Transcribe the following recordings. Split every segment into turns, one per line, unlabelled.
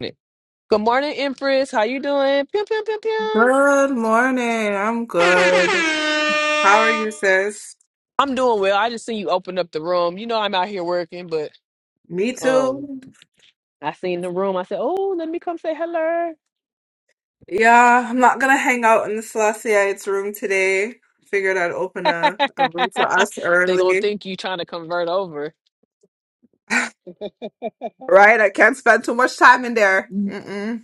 Good morning, Empress. How you doing? Pew, pew, pew, pew.
Good morning. I'm good. How are you, sis?
I'm doing well. I just seen you open up the room. You know I'm out here working, but
Me
um
too.
I seen the room. I said, Oh, let me come say hello.
Yeah, I'm not gonna hang out in the Selasseites room today. Figured I'd open a, a room for us
they gonna
early.
think you trying to convert over.
Right? I can't spend too much time in there. Mm-mm.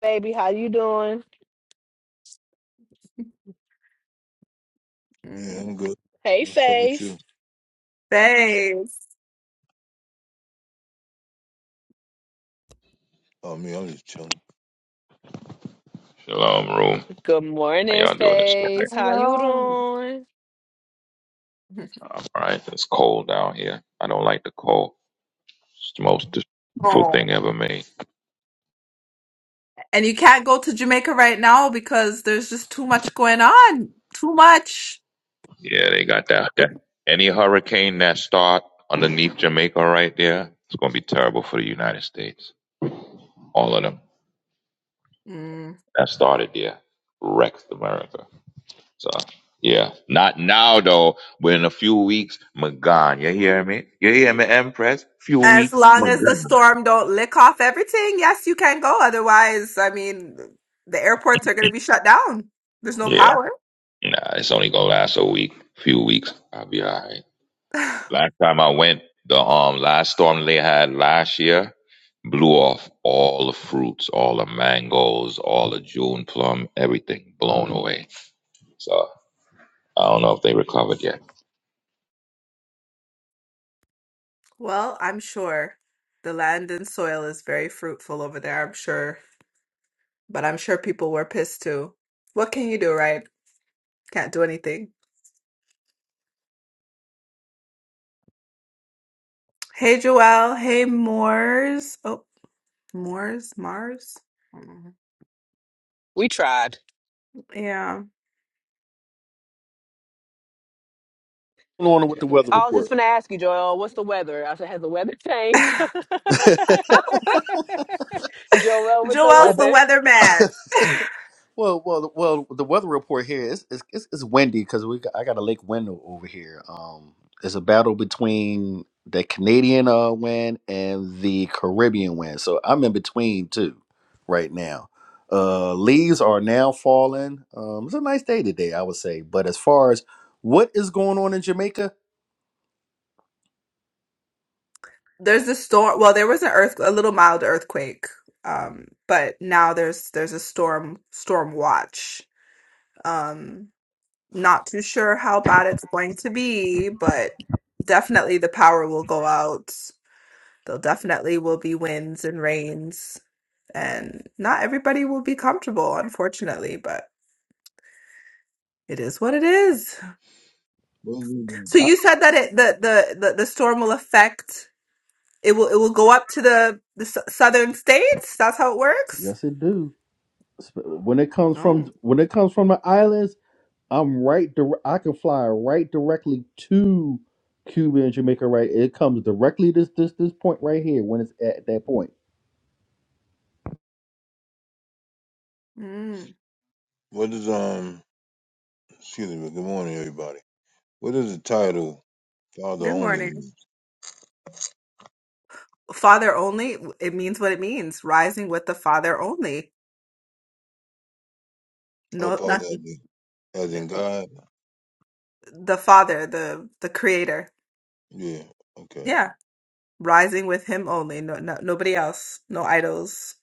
Baby, how you doing?
Yeah,
Mm.
I'm good.
Hey
What's up with you?
Face.
Thanks.
Oh, me, I'm just chilling.
Shalom, room.
Good
How
morning,
y'all doing this morning?
Face. How you
Hello.
doing?
I'm all right. It's cold down here. I don't like the cold. It's the most disrespectful
Oh.
thing ever made.
And you can't go to Jamaica right now because there's just too much going on. Too much.
Yeah, they got that.
What?
that. Any hurricane that start underneath Jamaica right there, it's going to be terrible for the United States. All of them
Mm.
that started there wrecked America. So, yeah. Not now, though, but in a few weeks, my God. You hear me? You hear me, Empress? few
As
weeks, my
long as the
God.
storm don't lick off everything, yes, you can go. Otherwise, I mean, the airports are going to be shut down. There's no
Yeah.
power.
Nah, it's only going to last a week, few weeks. I'll be all right. Last time I went, the um last storm they had last year blew off all the fruits, all the mangoes, all the June plum, everything blown away. So I don't know if they recovered yet.
Well, I'm sure the land and soil is very fruitful over there, I'm sure. But I'm sure people were pissed too. What can you do, right? Can't do anything. Hey, Joelle. Hey, Moors. Oh, Moors? Mars? I don't know.
We tried.
Yeah.
going on with the weather
I was just
report?
gonna ask you, Joel, what's the weather? I said, has the weather changed? Joel with the
How
Joelle's the
about
weather.
weatherman.
well, well, well? The weather report here is it's, it's, it's windy because we got, I got a lake window over here. Um, it's a battle between the Canadian uh wind and the Caribbean wind, so I'm in between two right now. Uh, leaves are now falling. Um, it's a nice day today, I would say. But as far as what is going on in Jamaica,
There's a storm. Well, there was an earth, a little mild earthquake, um, but now there's there's a storm storm watch. Um, not too sure how bad it's going to be, but definitely the power will go out. There'll definitely will be winds and rains, and not everybody will be comfortable, unfortunately, but it is what it is.
What is,
So
uh,
you said that it the the the, the storm will affect it will it will go up to the the s- southern states. That's how it works.
yes, it do. Sp- When it comes from
Oh,
when it comes from the islands. I'm right. Dire- I can fly right directly to Cuba and Jamaica. Right, it comes directly this this this point right here when it's at that point.
mm.
what is um? Excuse me. But Good morning, everybody. What is the title "Father
Good
Only"
morning.
mean?
Father only, it means what it means, rising with the Father only.
Oh,
No, not
Father as in, as in God.
the Father, the the Creator.
Yeah. Okay.
Yeah, rising with Him only. No, no, nobody else. No idols.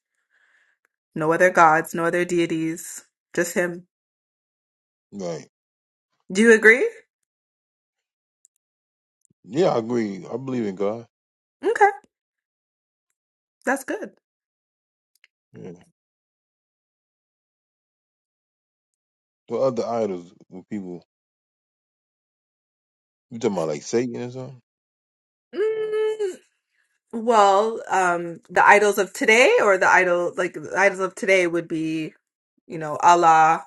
No other gods. No other deities. Just Him.
Right.
Do you agree?
Yeah, I agree. I believe in God.
Okay, that's good.
Yeah. The other idols with people, you talking about like Satan or something?
Mm, well, um, the idols of today, or the idol like the idols of today would be, you know, Allah.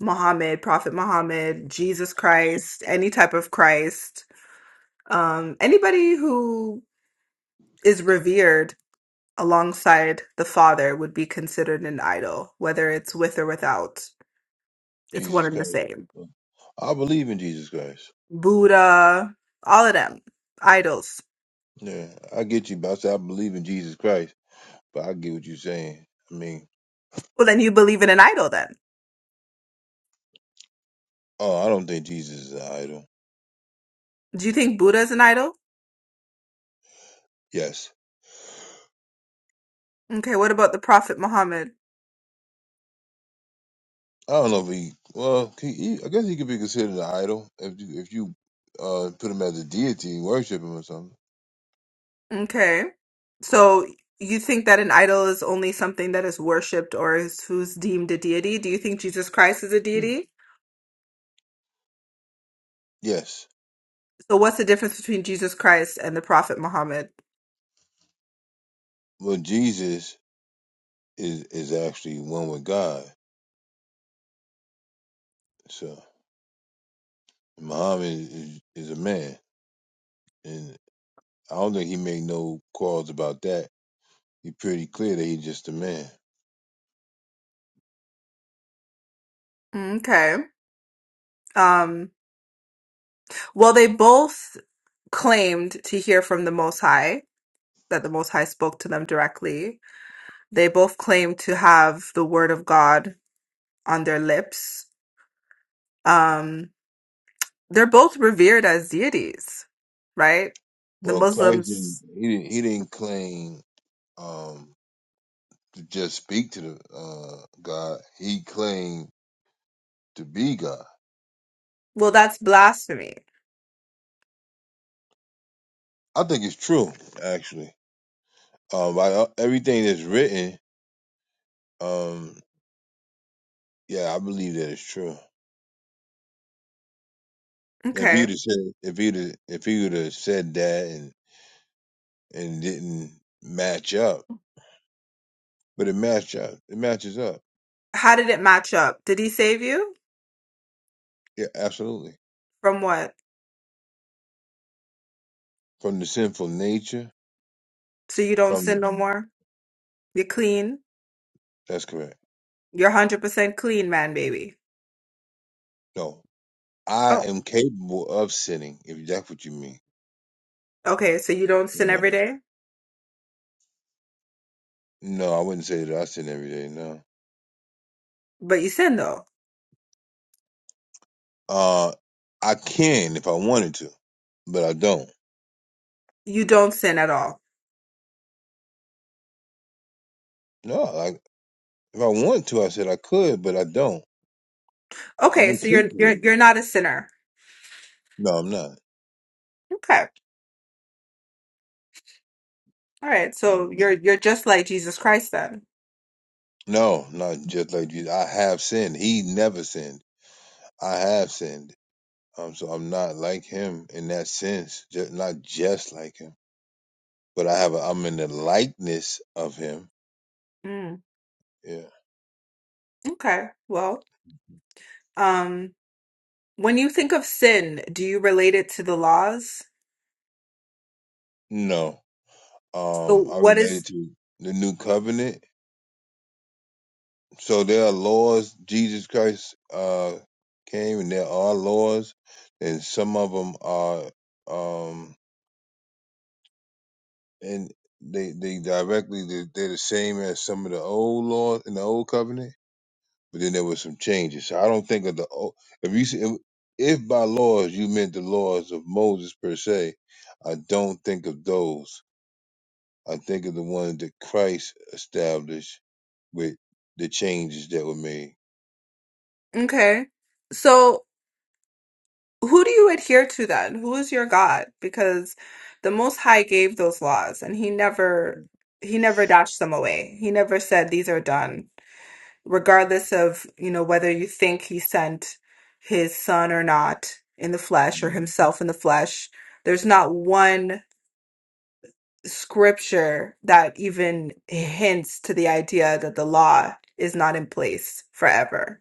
Muhammad, Prophet Muhammad, Jesus Christ, any type of Christ, um, anybody who is revered alongside the Father would be considered an idol, whether it's with or without. It's one
Jesus
and the
Christ.
same.
I believe in Jesus Christ.
Buddha, all of them, idols.
Yeah, I get you, but I say I believe in Jesus Christ. But I get what you're saying. I mean,
Well, then you believe in an idol, then.
oh, I don't think Jesus is an idol.
Do you think Buddha is an idol?
Yes.
Okay, what about the Prophet Muhammad?
I don't know if he. Well, he, he, I guess he could be considered an idol if you if you uh put him as a deity, and worship him or something.
Okay. So you think that an idol is only something that is worshipped or is who's deemed a deity? Do you think Jesus Christ is a
Yeah.
deity?
Yes.
So what's the difference between Jesus Christ and the Prophet Muhammad?
Well, Jesus is is actually one with God. So Muhammad is is a man, and I don't think he made no calls about that. He's pretty clear that he's just a man.
Okay. Um, well, they both claimed to hear from the Most High, that the Most High spoke to them directly. They both claim to have the word of God on their lips. Um, they're both revered as deities, right? The
Well, Christ
Muslims
didn't. He didn't. He didn't claim um to just speak to the uh God. He claimed to be God.
Well, that's blasphemy.
I think it's true, actually. Um, by uh, everything that's written, um, yeah, I believe that it's true. If
Okay.
he'd have said, if he'd have, if he would have said that and and didn't match up, but it matched up, it matches up.
How did it match up? Did he save you?
Yeah, absolutely.
From what?
From the sinful nature,
So you don't
from
sin
the,
no more? You're clean?
that's correct.
You're 100% clean, man, baby.
No, I
Oh.
am capable of sinning. If that's what you mean,
Okay, so you don't sin
no,
every day?
no, I wouldn't say that I sin every day. No,
But you sin though.
uh, I can if I wanted to, but I don't.
You don't sin at all.
No, If I want to, I said I could, but I don't. Like
Okay,
I'm
so you're
capable.
you're
Of
you're
it.
not a sinner.
No, I'm not.
Okay. All right. So
Mhm.
you're you're just like Jesus Christ then.
No, not just like Jesus. I have sinned. He never sinned. I have sinned. Um, so I'm not like him in that sense. Just not just like him, but I have. A, I'm in the likeness of him.
Mm,
Yeah.
okay. Well, um, when you think of sin, do you relate it to the laws?
No.
So
Um, I
what is
related to the new covenant. So there are laws. Jesus Christ uh came, and there are laws, and some of them are um and they they directly they- they're the same as some of the old laws in the old covenant, but then there was some changes. So I don't think of the old. If you see- if, if by laws you meant the laws of Moses per se, I don't think of those. I think of the ones that Christ established with the changes that were made.
okay. So who do you adhere to then? Who is your God? Because the Most High gave those laws and he never he never dashed them away. He never said these are done, regardless of, you know, whether you think he sent his son or not in the flesh or
Mhm.
himself in the flesh. There's not one scripture that even hints to the idea that the law is not in place forever.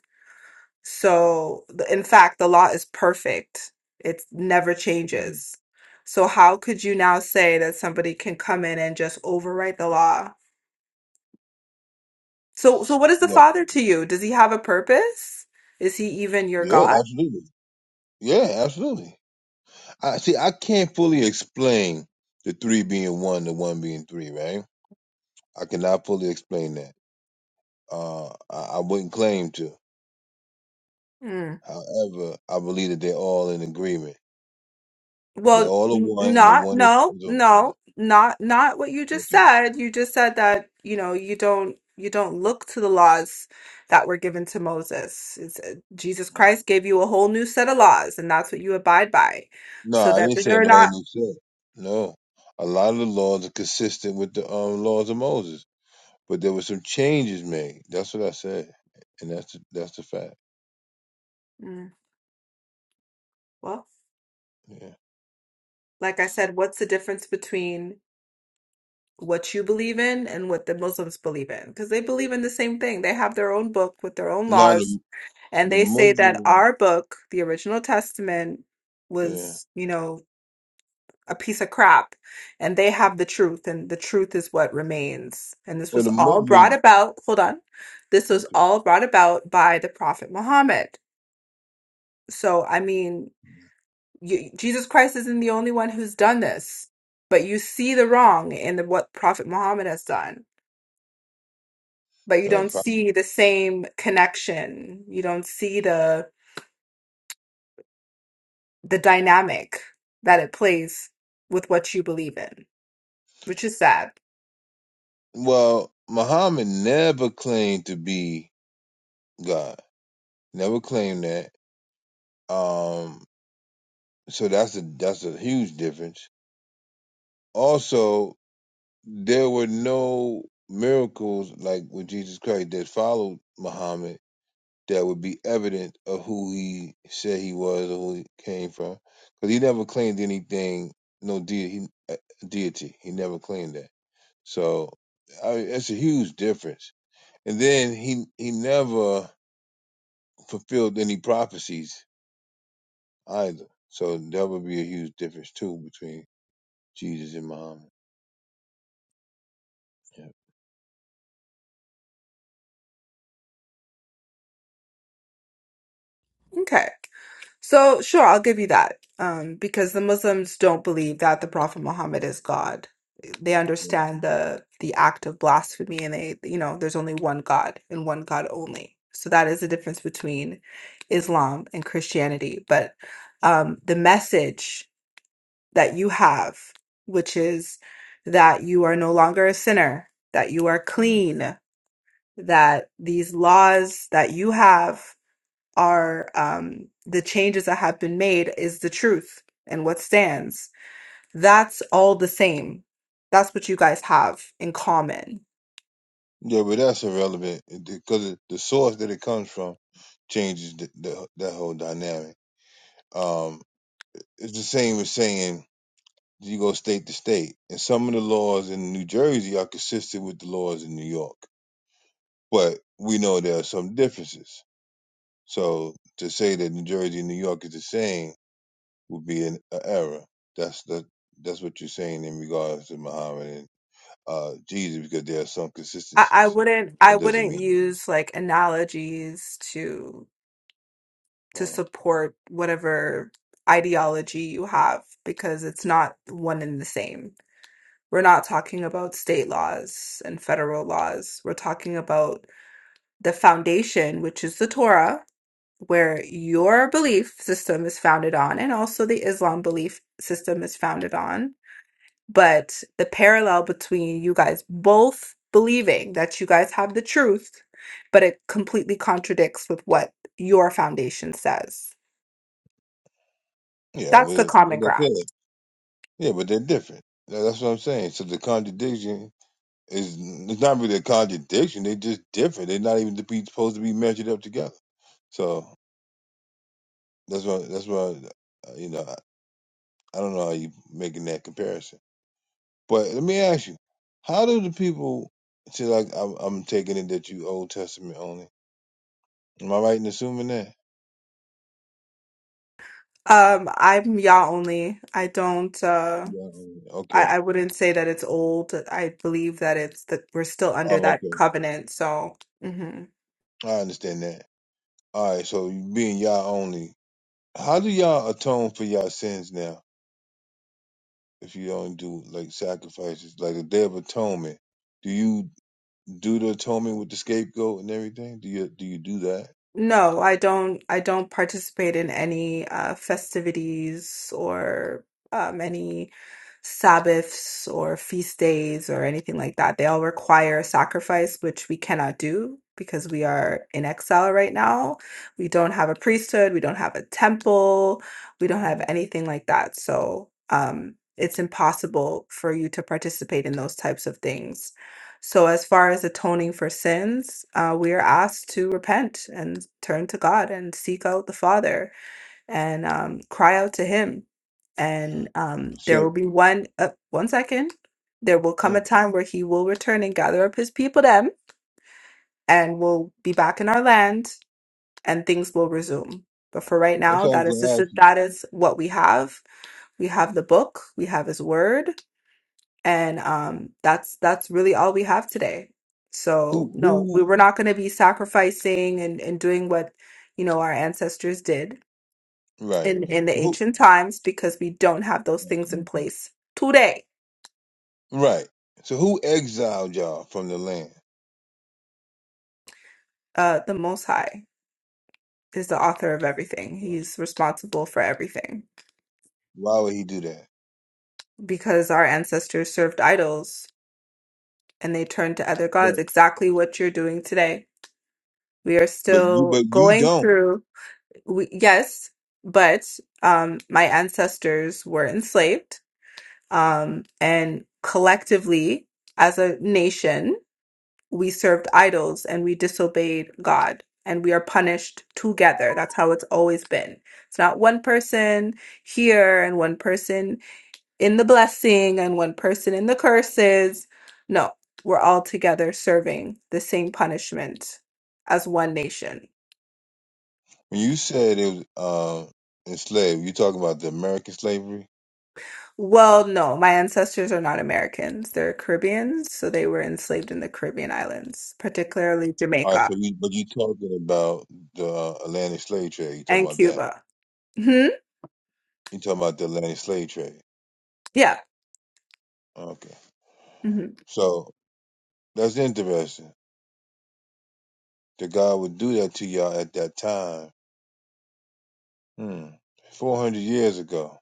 So, the- in fact, the law is perfect. It never
Mhm.
changes. So how could you now say that somebody can come in and just overwrite the law? So, so what is the
Look,
Father to you? Does he have a purpose? Is he even your
yeah,
God?
absolutely. Yeah, absolutely. I see. I can't fully explain the three being one, the one being three, right? I cannot fully explain that. Uh, I, I wouldn't claim to. However, I believe that they're all in agreement. They're
Well,
all the
n-
one, and the
not,
one is
no,
is on-
no, not, not what you just
okay.
said. You just said that, you know, you don't, you don't look to the laws that were given to Moses. It's, uh, Jesus Christ gave you a whole new set of laws, and that's what you abide by.
No,
So
I
that
didn't say an
they're
old
not,
new set. No, a lot of the laws are consistent with the um, laws of Moses, but there were some changes made. That's what I said, and that's the, that's the fact.
Mm, well,
Yeah.
like I said, what's the difference between what you believe in and what the Muslims believe in? Because they believe in the same thing. They have their own book with their own
Now
laws,
the
and
the
they say that
Muslim,
our book, the original Testament,
yeah,
was, you know, a piece of crap and they have the truth and the truth is what remains and this
well
was
the
all brought
Muslim,
about hold on this was
okay.
all brought about by the prophet muhammad so i mean you, jesus christ isn't the only one who's done this but you see the wrong in the, what prophet muhammad has done but you
Uh,
don't
prob-
see the same connection you don't see the the dynamic that it plays with what you believe in which is sad
well, Muhammad never claimed to be. God. Never claimed that. Um, so that's a that's a huge difference. Also, there were no miracles like with Jesus Christ that followed Muhammad that would be evident of who he said he was or who he came from, because he never claimed anything, no de- he, uh, deity. He never claimed that. So I, that's a huge difference. And then he he never fulfilled any prophecies either. So that would be a huge difference too between Jesus and Muhammad. Yeah,
okay So sure, I'll give you that. Um, because the Muslims don't believe that the Prophet Muhammad is God. They
but-
understand the the act of blasphemy and they, you know, there's only one God and one God only. So that is the difference between Islam and Christianity. But um, the message that you have, which is that you are no longer a sinner, that you are clean, that these laws that you have are um, the changes that have been made is the truth and what stands. That's all the same. That's what you guys have in common.
yeah, but that's irrelevant because the source that it comes from changes the, the, that whole dynamic. Um, it's the same as saying you go state to state, and some of the laws in New Jersey are consistent with the laws in New York, but we know there are some differences. So to say that New Jersey and New York is the same would be an, an error. That's the that's what you're saying in regards to Muhammad uh, Jesus because there are some
I, I
consistencies.
wouldn't I
That doesn't
wouldn't
mean it is.
use like analogies to to
Uh,
support whatever ideology you have because it's not one and the same. We're not talking about state laws and federal laws. We're talking about the foundation, which is the Torah, where your belief system is founded on, and also the Islam belief system is founded on. But the parallel between you guys both believing that you guys have the truth, but it completely contradicts with what your foundation says.
yeah,
That's the
well,
common
like I
ground.
said, yeah, but they're different. Tha- That's what I'm saying. So the contradiction is it's not really a contradiction. They're just different. They're not even to be, supposed to be measured up together. So that's why that's why uh, you know I, I don't know how you making that comparison. But let me ask you, how do the people see? Like I'm, I'm taking it that you Old Testament only. Am I right in assuming that?
Um, I'm ya only. I don't uh
Yeah. Okay.
I, I wouldn't say that it's old. I believe that it's that we're still under
Oh,
that
okay.
covenant, so mhm.
I understand that. All right, so you being y'all only, how do y'all atone for y'all sins now? If you don't do like sacrifices, like the Day of Atonement, do you do the atonement with the scapegoat and everything? Do you do you do that?
No, I don't I don't participate in any uh festivities or um any Sabbaths or feast days or anything like that. They all require a sacrifice, which we cannot do because we are in exile right now. We don't have a priesthood, we don't have a temple, we don't have
Yeah.
anything like that. So, um it's impossible for you to participate in those types of things so, as far as atoning for sins, uh, we are asked to repent and turn to God and seek out the Father and um, cry out to Him. And um, there
So
will be one, uh, one second, there will come a
hey,
time where He will return and gather up His people, them, and we'll be back in our land and things will resume. But for right
that's
now,
all I
that
was
is
gonna
just
ask you.
that is what we have. We have the book, we have His word, and um that's that's really all we have today so
Who
no we
who
were not going to be sacrificing and and doing what you know our ancestors did
right?
in in the
So who
ancient times because we don't have those things
okay.
in place today
right? So who exiled y'all from the land?
uh the most high is the author of everything
Why?
he's responsible for everything
Why would he do that?
because our ancestors served idols and they turned to other
But
gods exactly what you're doing today we are
but you
still
but you
going
don't.
through we, yes, but um, my ancestors were enslaved, um, and collectively, as a nation, we served idols and we disobeyed God, and we are punished together. That's how it's always been. It's not one person here and one person in the blessing and one person in the curses. No, we're all together serving the same punishment as one nation.
When you said it was uh, enslaved, you talking about the American slavery?
Well, no, my ancestors are not Americans. They're Caribbeans, so they were enslaved in the Caribbean islands, particularly
All right,
Jamaica
so you but you talking about the uh, Atlantic slave trade? You talking
and
about that?
Cuba. hmm
You talking about the Atlantic slave trade?
Yeah.
Okay,
hmm
so that's interesting. That God would do that to y'all at that time, hmm. four hundred years ago.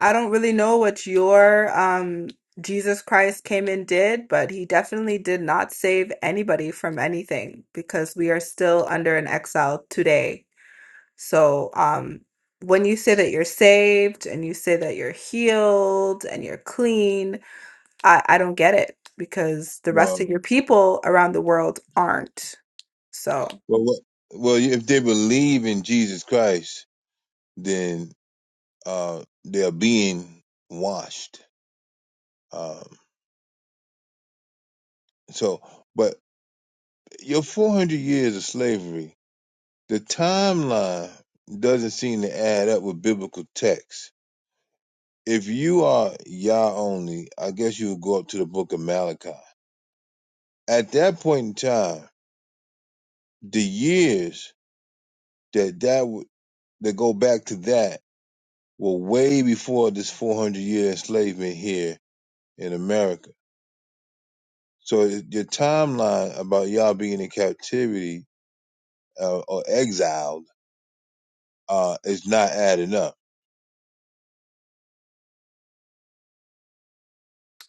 I don't really know what your um Jesus Christ came and did, but he definitely did not save anybody from anything because we are still under an exile today. So, um when you say that you're saved and you say that you're healed and you're clean, I, I don't get it because the rest of
Well,
your people around the world aren't. So
well, what, well, if they believe in Jesus Christ, then uh, they're being washed. Um, so, but your 400 years of slavery the timeline doesn't seem to add up with biblical text. If you are Yah only, I guess you would go up to the book of Malachi. At that point in time, the years that that w- that go back to that were way before this 400 year enslavement here in America. So it- your timeline about Yah being in captivity uh, or exiled uh, is not adding up.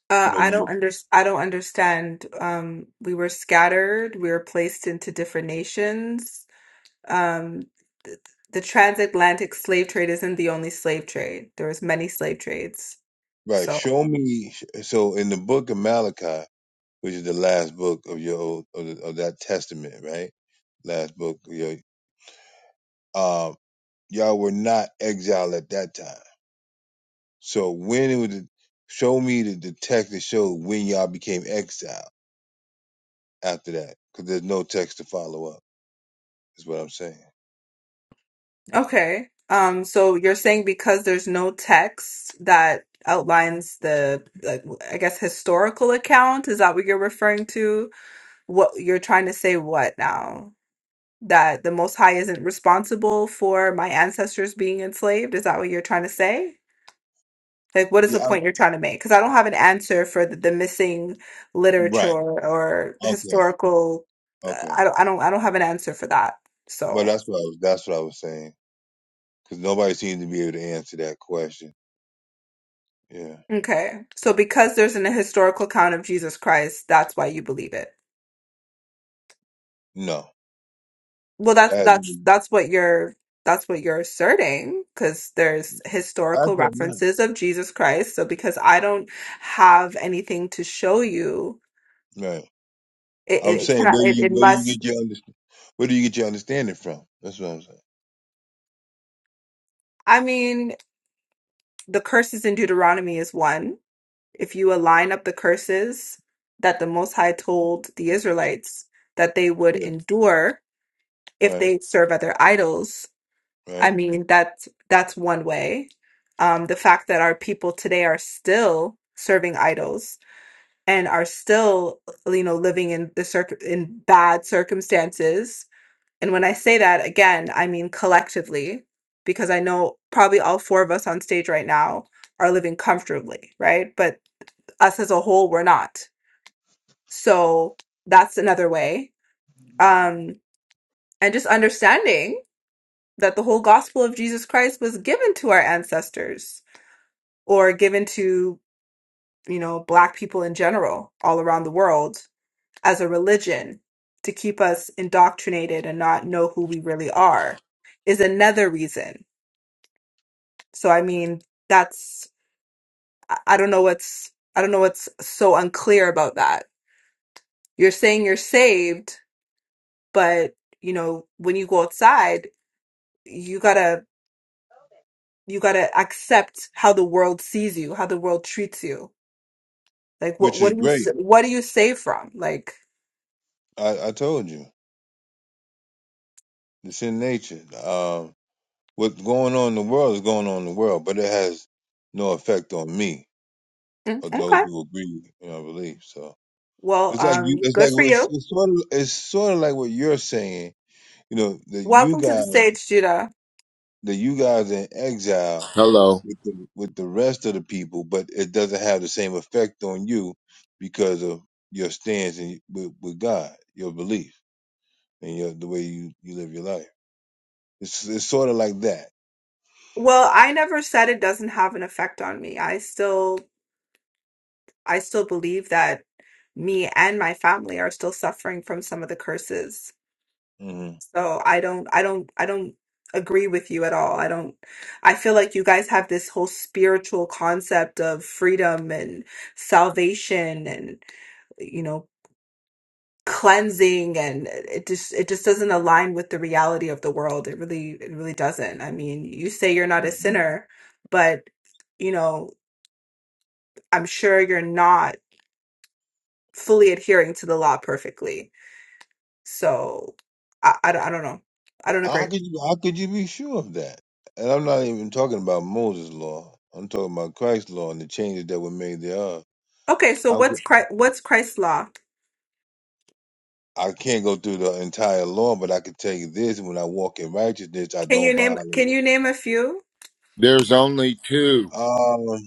uh,
You know,
I
you
don't under I don't understand. Um, we were scattered. We were placed into different nations. Um, th- the transatlantic slave trade isn't the only slave trade. There was many slave trades.
right.
So
Show me. So in the book of Malachi, which is the last book of your old, of, the, of that testament, right? Last book. Of your, um, y'all were not exiled at that time. So when it was, show me the, the text that showed when y'all became exiled after that, because there's no text to follow up. Is what I'm saying.
okay. Um, so you're saying because there's no text that outlines the, like, I guess, historical account, is that what you're referring to? What you're trying to say what now? That the Most High isn't responsible for my ancestors being enslaved? Is that what you're trying to say? Like, what is the
Yeah, I,
point you're trying to make? Because I don't have an answer for the, the missing literature
right.
or
Okay,
historical.
okay.
I don't, I don't, I don't have an answer for that.
But
So,
that's what I was. That's what I was saying. Because nobody seems to be able to answer that question. Yeah.
okay. So because there's an historical account of Jesus Christ, that's why you believe it.
No.
Well, that's
That,
that's
actually,
that's what you're that's what you're asserting because there's historical
I'm not.
references of Jesus Christ. So because I don't have anything to show you,
Right.
it
I'm
it, it
saying, where
cannot
do
it,
you
it
where do you
must.
get your Where do you get your understanding from? That's what I'm saying.
I mean, the curses in Deuteronomy is one. If you align up the curses that the Most High told the Israelites that they would
Yeah.
endure if
Right.
they serve other idols, I
Right.
mean, that's that's one way. Um, the fact that our people today are still serving idols and are still, you know, living in the circ in bad circumstances. And when I say that again, I mean collectively, because I know probably all four of us on stage right now are living comfortably, right? But us as a whole, we're not. So that's another way. Um, and just understanding that the whole gospel of Jesus Christ was given to our ancestors or given to, you know, Black people in general all around the world as a religion to keep us indoctrinated and not know who we really are is another reason. So, I mean, that's, I I don't know what's, I don't know what's so unclear about that. You're saying you're saved, but, you know, when you go outside, you gotta, you gotta accept how the world sees you, how the world treats you. Like, what,
Which
what
is
do you, s-
great.
what do you save from? Like,
I, I told you. It's in nature. Um, what's going on in the world is going on in the world, but it has no effect on me
Mm,
or
okay.
those who agree with my belief. So
Well,
it's like
um,
you. It's
good
like
for
it's,
you.
it's sort of it's sort of like what you're saying. You know that you
Welcome to the
guys
stage, Judah.
that you guys in exile
Hello.
with the with the rest of the people, but it doesn't have the same effect on you because of your stance and with, with God, your belief, and your the way you you live your life. It's it's sort of like that.
Well, I never said it doesn't have an effect on me. I still I still believe that me and my family are still suffering from some of the curses.
hmm
So I don't I don't I don't agree with you at all. I don't I feel like you guys have this whole spiritual concept of freedom and salvation and you know. cleansing and it just it just doesn't align with the reality of the world it really it really doesn't i mean you say you're not a sinner but you know i'm sure you're not fully adhering to the law perfectly so i i, don't I don't know i don't agree
How could you how could you be sure of that? And I'm not even talking about Moses' law. I'm talking about Christ's law and the changes that were made thereof.
okay so
How could,
what's christ what's christ's law
I can't go through the entire law, but I can tell you this: when I walk in righteousness, I
can you
don't
name
violate
can
it.
you name a few
There's only two
Oh,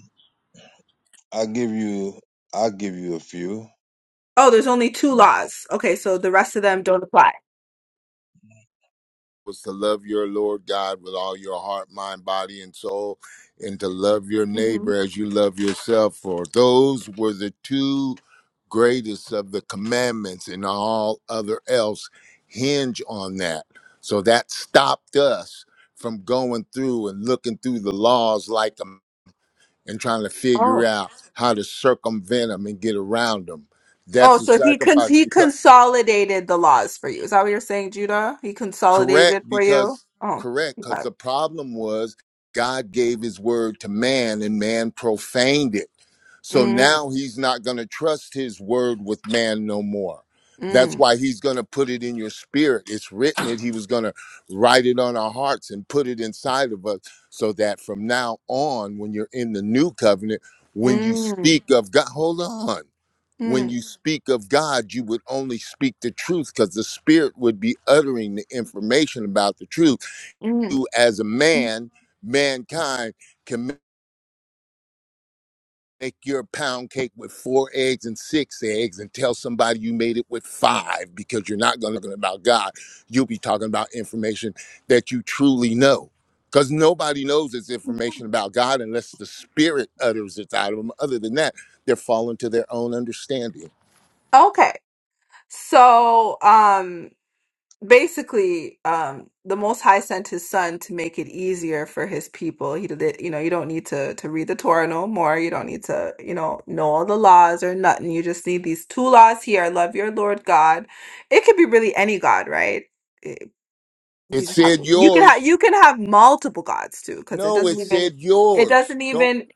I'll give you I'll give you a few.
oh there's only two
All
laws okay so the rest of them don't apply
was to love your Lord God with all your heart, mind, body, and soul, and to love your
hmm
neighbor as you love yourself. For those were the two greatest of the commandments, and all other else hinge on that. So that stopped us from going through and looking through the laws like them and trying to figure out how to circumvent them and get around them.
Oh,
That's a
so he cons
sacrifice
he
because
consolidated the laws for you. Is that what you're saying, Judah? He consolidated
correct
it for you?
because
Oh,
correct because
okay.
the problem was god gave his word to man and man profaned it so
Mm,
now he's not going to trust his word with man no more. That's
mm,
why he's going to put it in your spirit. It's written that he was going to write it on our hearts and put it inside of us so that from now on, when you're in the new covenant, when you
mm,
speak of God, hold on. When
mm,
you speak of God, you would only speak the truth because the spirit would be uttering the information about the truth.
mm.
You, as a
mm.
man, mankind, make your pound cake with four eggs and six eggs and tell somebody you made it with five because you're not going to talk about God. You'll be talking about information that you truly know. Because nobody knows this information about God unless the Spirit utters it out of them. Other than that, they're falling to their own understanding.
Okay. So, um, basically, um, the Most High sent his son to make it easier for his people. He did it, you know, you don't need to to read the Torah no more. You don't need to, you know, know all the laws or nothing. You just need these two laws here. Love your Lord God. It could be really any God, right?
It
you just have
said
you can have
yours.
you can have multiple gods too because it
No,
doesn't
it
even
said
it
yours.
doesn't
Don't,
even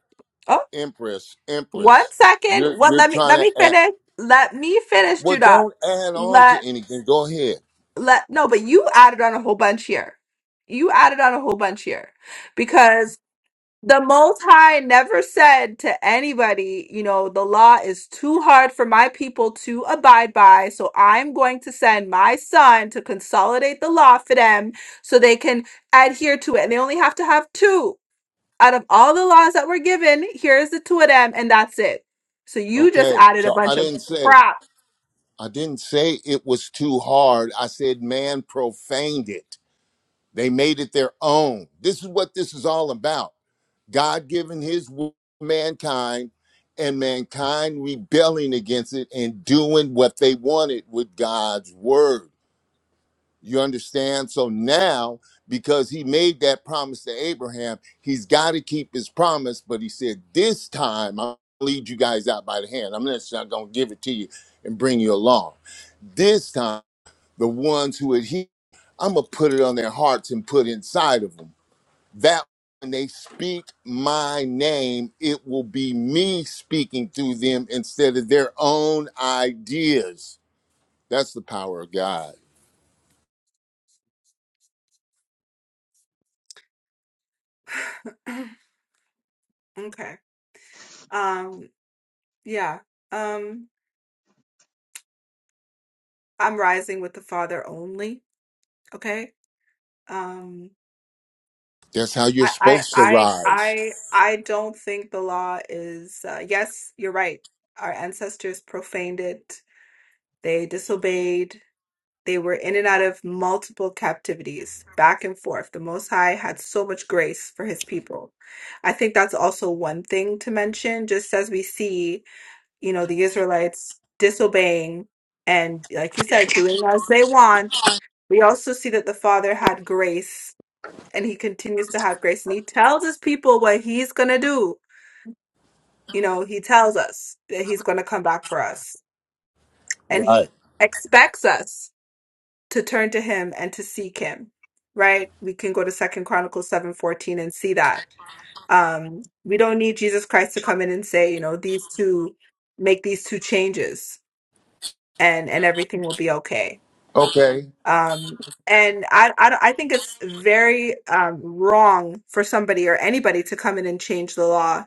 oh
Empress,
one
Empress.
second
You're
well
you're
let me
trying
let
to
me
add.
finish let me finish
Well,
judah
don't add on to
let
anything. Go ahead.
let no but you added on a whole bunch here you added on a whole bunch here the Most High never said to anybody, you know, the law is too hard for my people to abide by, so I'm going to send my son to consolidate the law for them so they can adhere to it. And they only have to have two out of all the laws that were given. Here's the two of them, and that's it. So you just
Okay.
added a
So I
bunch of
didn't say.
crap.
I didn't say it was too hard. I said man profaned it. They made it their own. This is what this is all about. God giving his will to mankind and mankind rebelling against it and doing what they wanted with God's word. You understand? So now, because he made that promise to Abraham, he's got to keep his promise. But he said, This time I'll lead you guys out by the hand. I'm just not going to give it to you and bring you along. This time, the ones who adhere, I'm gonna put it on their hearts and put inside of them. That when they speak my name, it will be me speaking through them instead of their own ideas. That's the power of God.
okay. Um, yeah. Um, I'm rising with the Father only. Okay. Um.
That's how you're
I I
supposed to
I
rise.
I I don't think the law is uh, yes, you're right. Our ancestors profaned it. They disobeyed. They were in and out of multiple captivities, back and forth. The Most High had so much grace for his people. I think that's also one thing to mention, just as we see, you know, the Israelites disobeying and, like you said, doing as they want. We also see that the Father had grace and he continues to have grace and he tells his people what he's going to do you know he tells us that he's going to come back for us and
Right.
he expects us to turn to him and to seek him right we can go to second chronicles 7 14 and see that um we don't need jesus christ to come in and say you know these two make these two changes and and everything will be okay
Okay.
um and I, I I think it's very um wrong for somebody or anybody to come in and change the law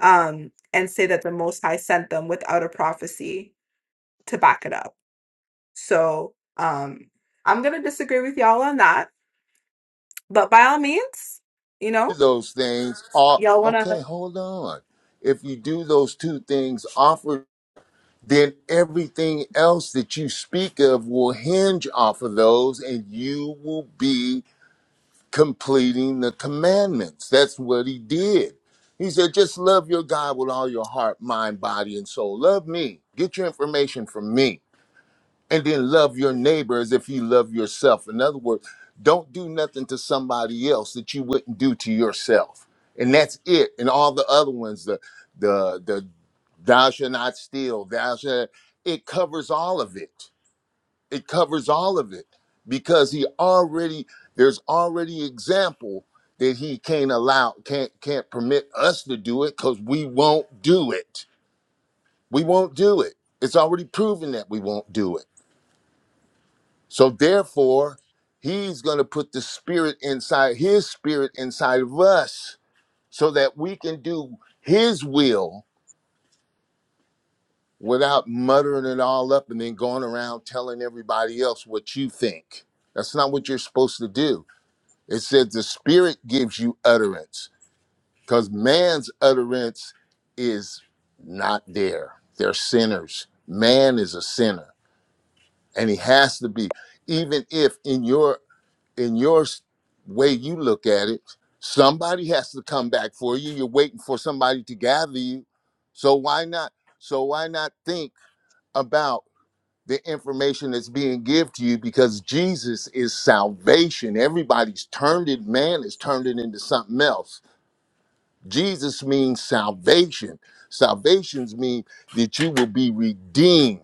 um, and say that the Most High sent them without a prophecy to back it up. So um, I'm gonna disagree with y'all on that, but by all means, you
Do
know,
those things. All,
y'all wanna.
okay, hold on. If you do those two things, offer then everything else that you speak of will hinge off of those and you will be completing the commandments. That's what he did. He said, just love your God with all your heart, mind, body, and soul. Love me. Get your information from me. And then love your neighbor as if you love yourself. In other words, don't do nothing to somebody else that you wouldn't do to yourself. And that's it. And all the other ones, the the the thou shalt not steal, thou shalt it covers all of it it covers all of it because he already there's already example that he can't allow can't can't permit us to do it because we won't do it we won't do it it's already proven that we won't do it so therefore he's going to put the spirit inside his spirit inside of us so that we can do his will without muttering it all up and then going around telling everybody else what you think that's not what you're supposed to do It says the spirit gives you utterance because man's utterance is not there. They're sinners. Man is a sinner and he has to be even if in your in your s- way you look at it somebody has to come back for you you're waiting for somebody to gather you so why not so why not think about? the information that's being given to you because Jesus is salvation. Everybody's turned it, man has turned it into something else. Jesus means salvation. Salvations mean that you will be redeemed.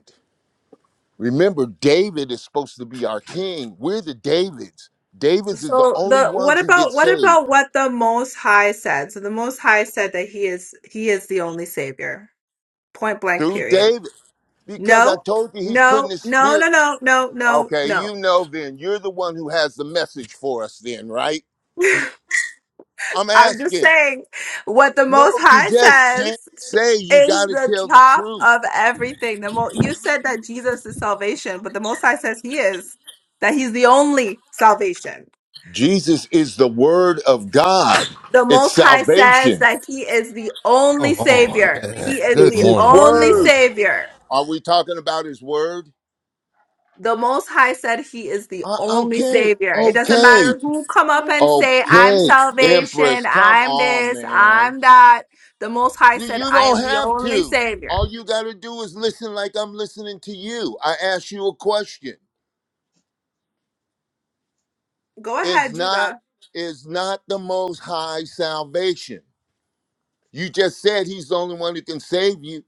Remember, David is supposed to be our king. We're the Davids. Davids is the
So
only
the
ones
what
who get
about what
saved
about what the Most High said? So the Most High said that he is he is the only Savior. Point blank.
through
Period.
David because I
No,
told you he's putting
no,
his
no,
spirit.
no, no, no,
Okay,
no,
you know then. You're the one who has the message for us then, right?
no.
I'm
I'm just
asking.
saying what the
No,
Most
you
High
just can't
says
say you
is
got to
the
tell the
top
truth.
of everything. The mo- you said that Jesus is salvation, but the Most High says He is that He's the only salvation.
Jesus is the word of God.
The
It's
Most High says
salvation.
that He is the only
Come on,
Savior.
man.
He is
Good
It's
the
his
morning,
only
everyone.
word.
Savior.
Are we talking about his word?
The Most High said He is the
Uh,
only
okay.
Savior. It doesn't
Okay.
matter who come up and say, "I'm
Okay.
salvation,"
Empress, come
"I'm
on,
this,"
man.
"I'm that." The Most High
You,
said,
you
"I
don't
am the
have
only
to.
Savior."
All you got to do is listen like I'm listening to you. I ask you a question.
Go
Is
ahead,
not
Judah.
is not the most high salvation? You just said he's the only one who can save you.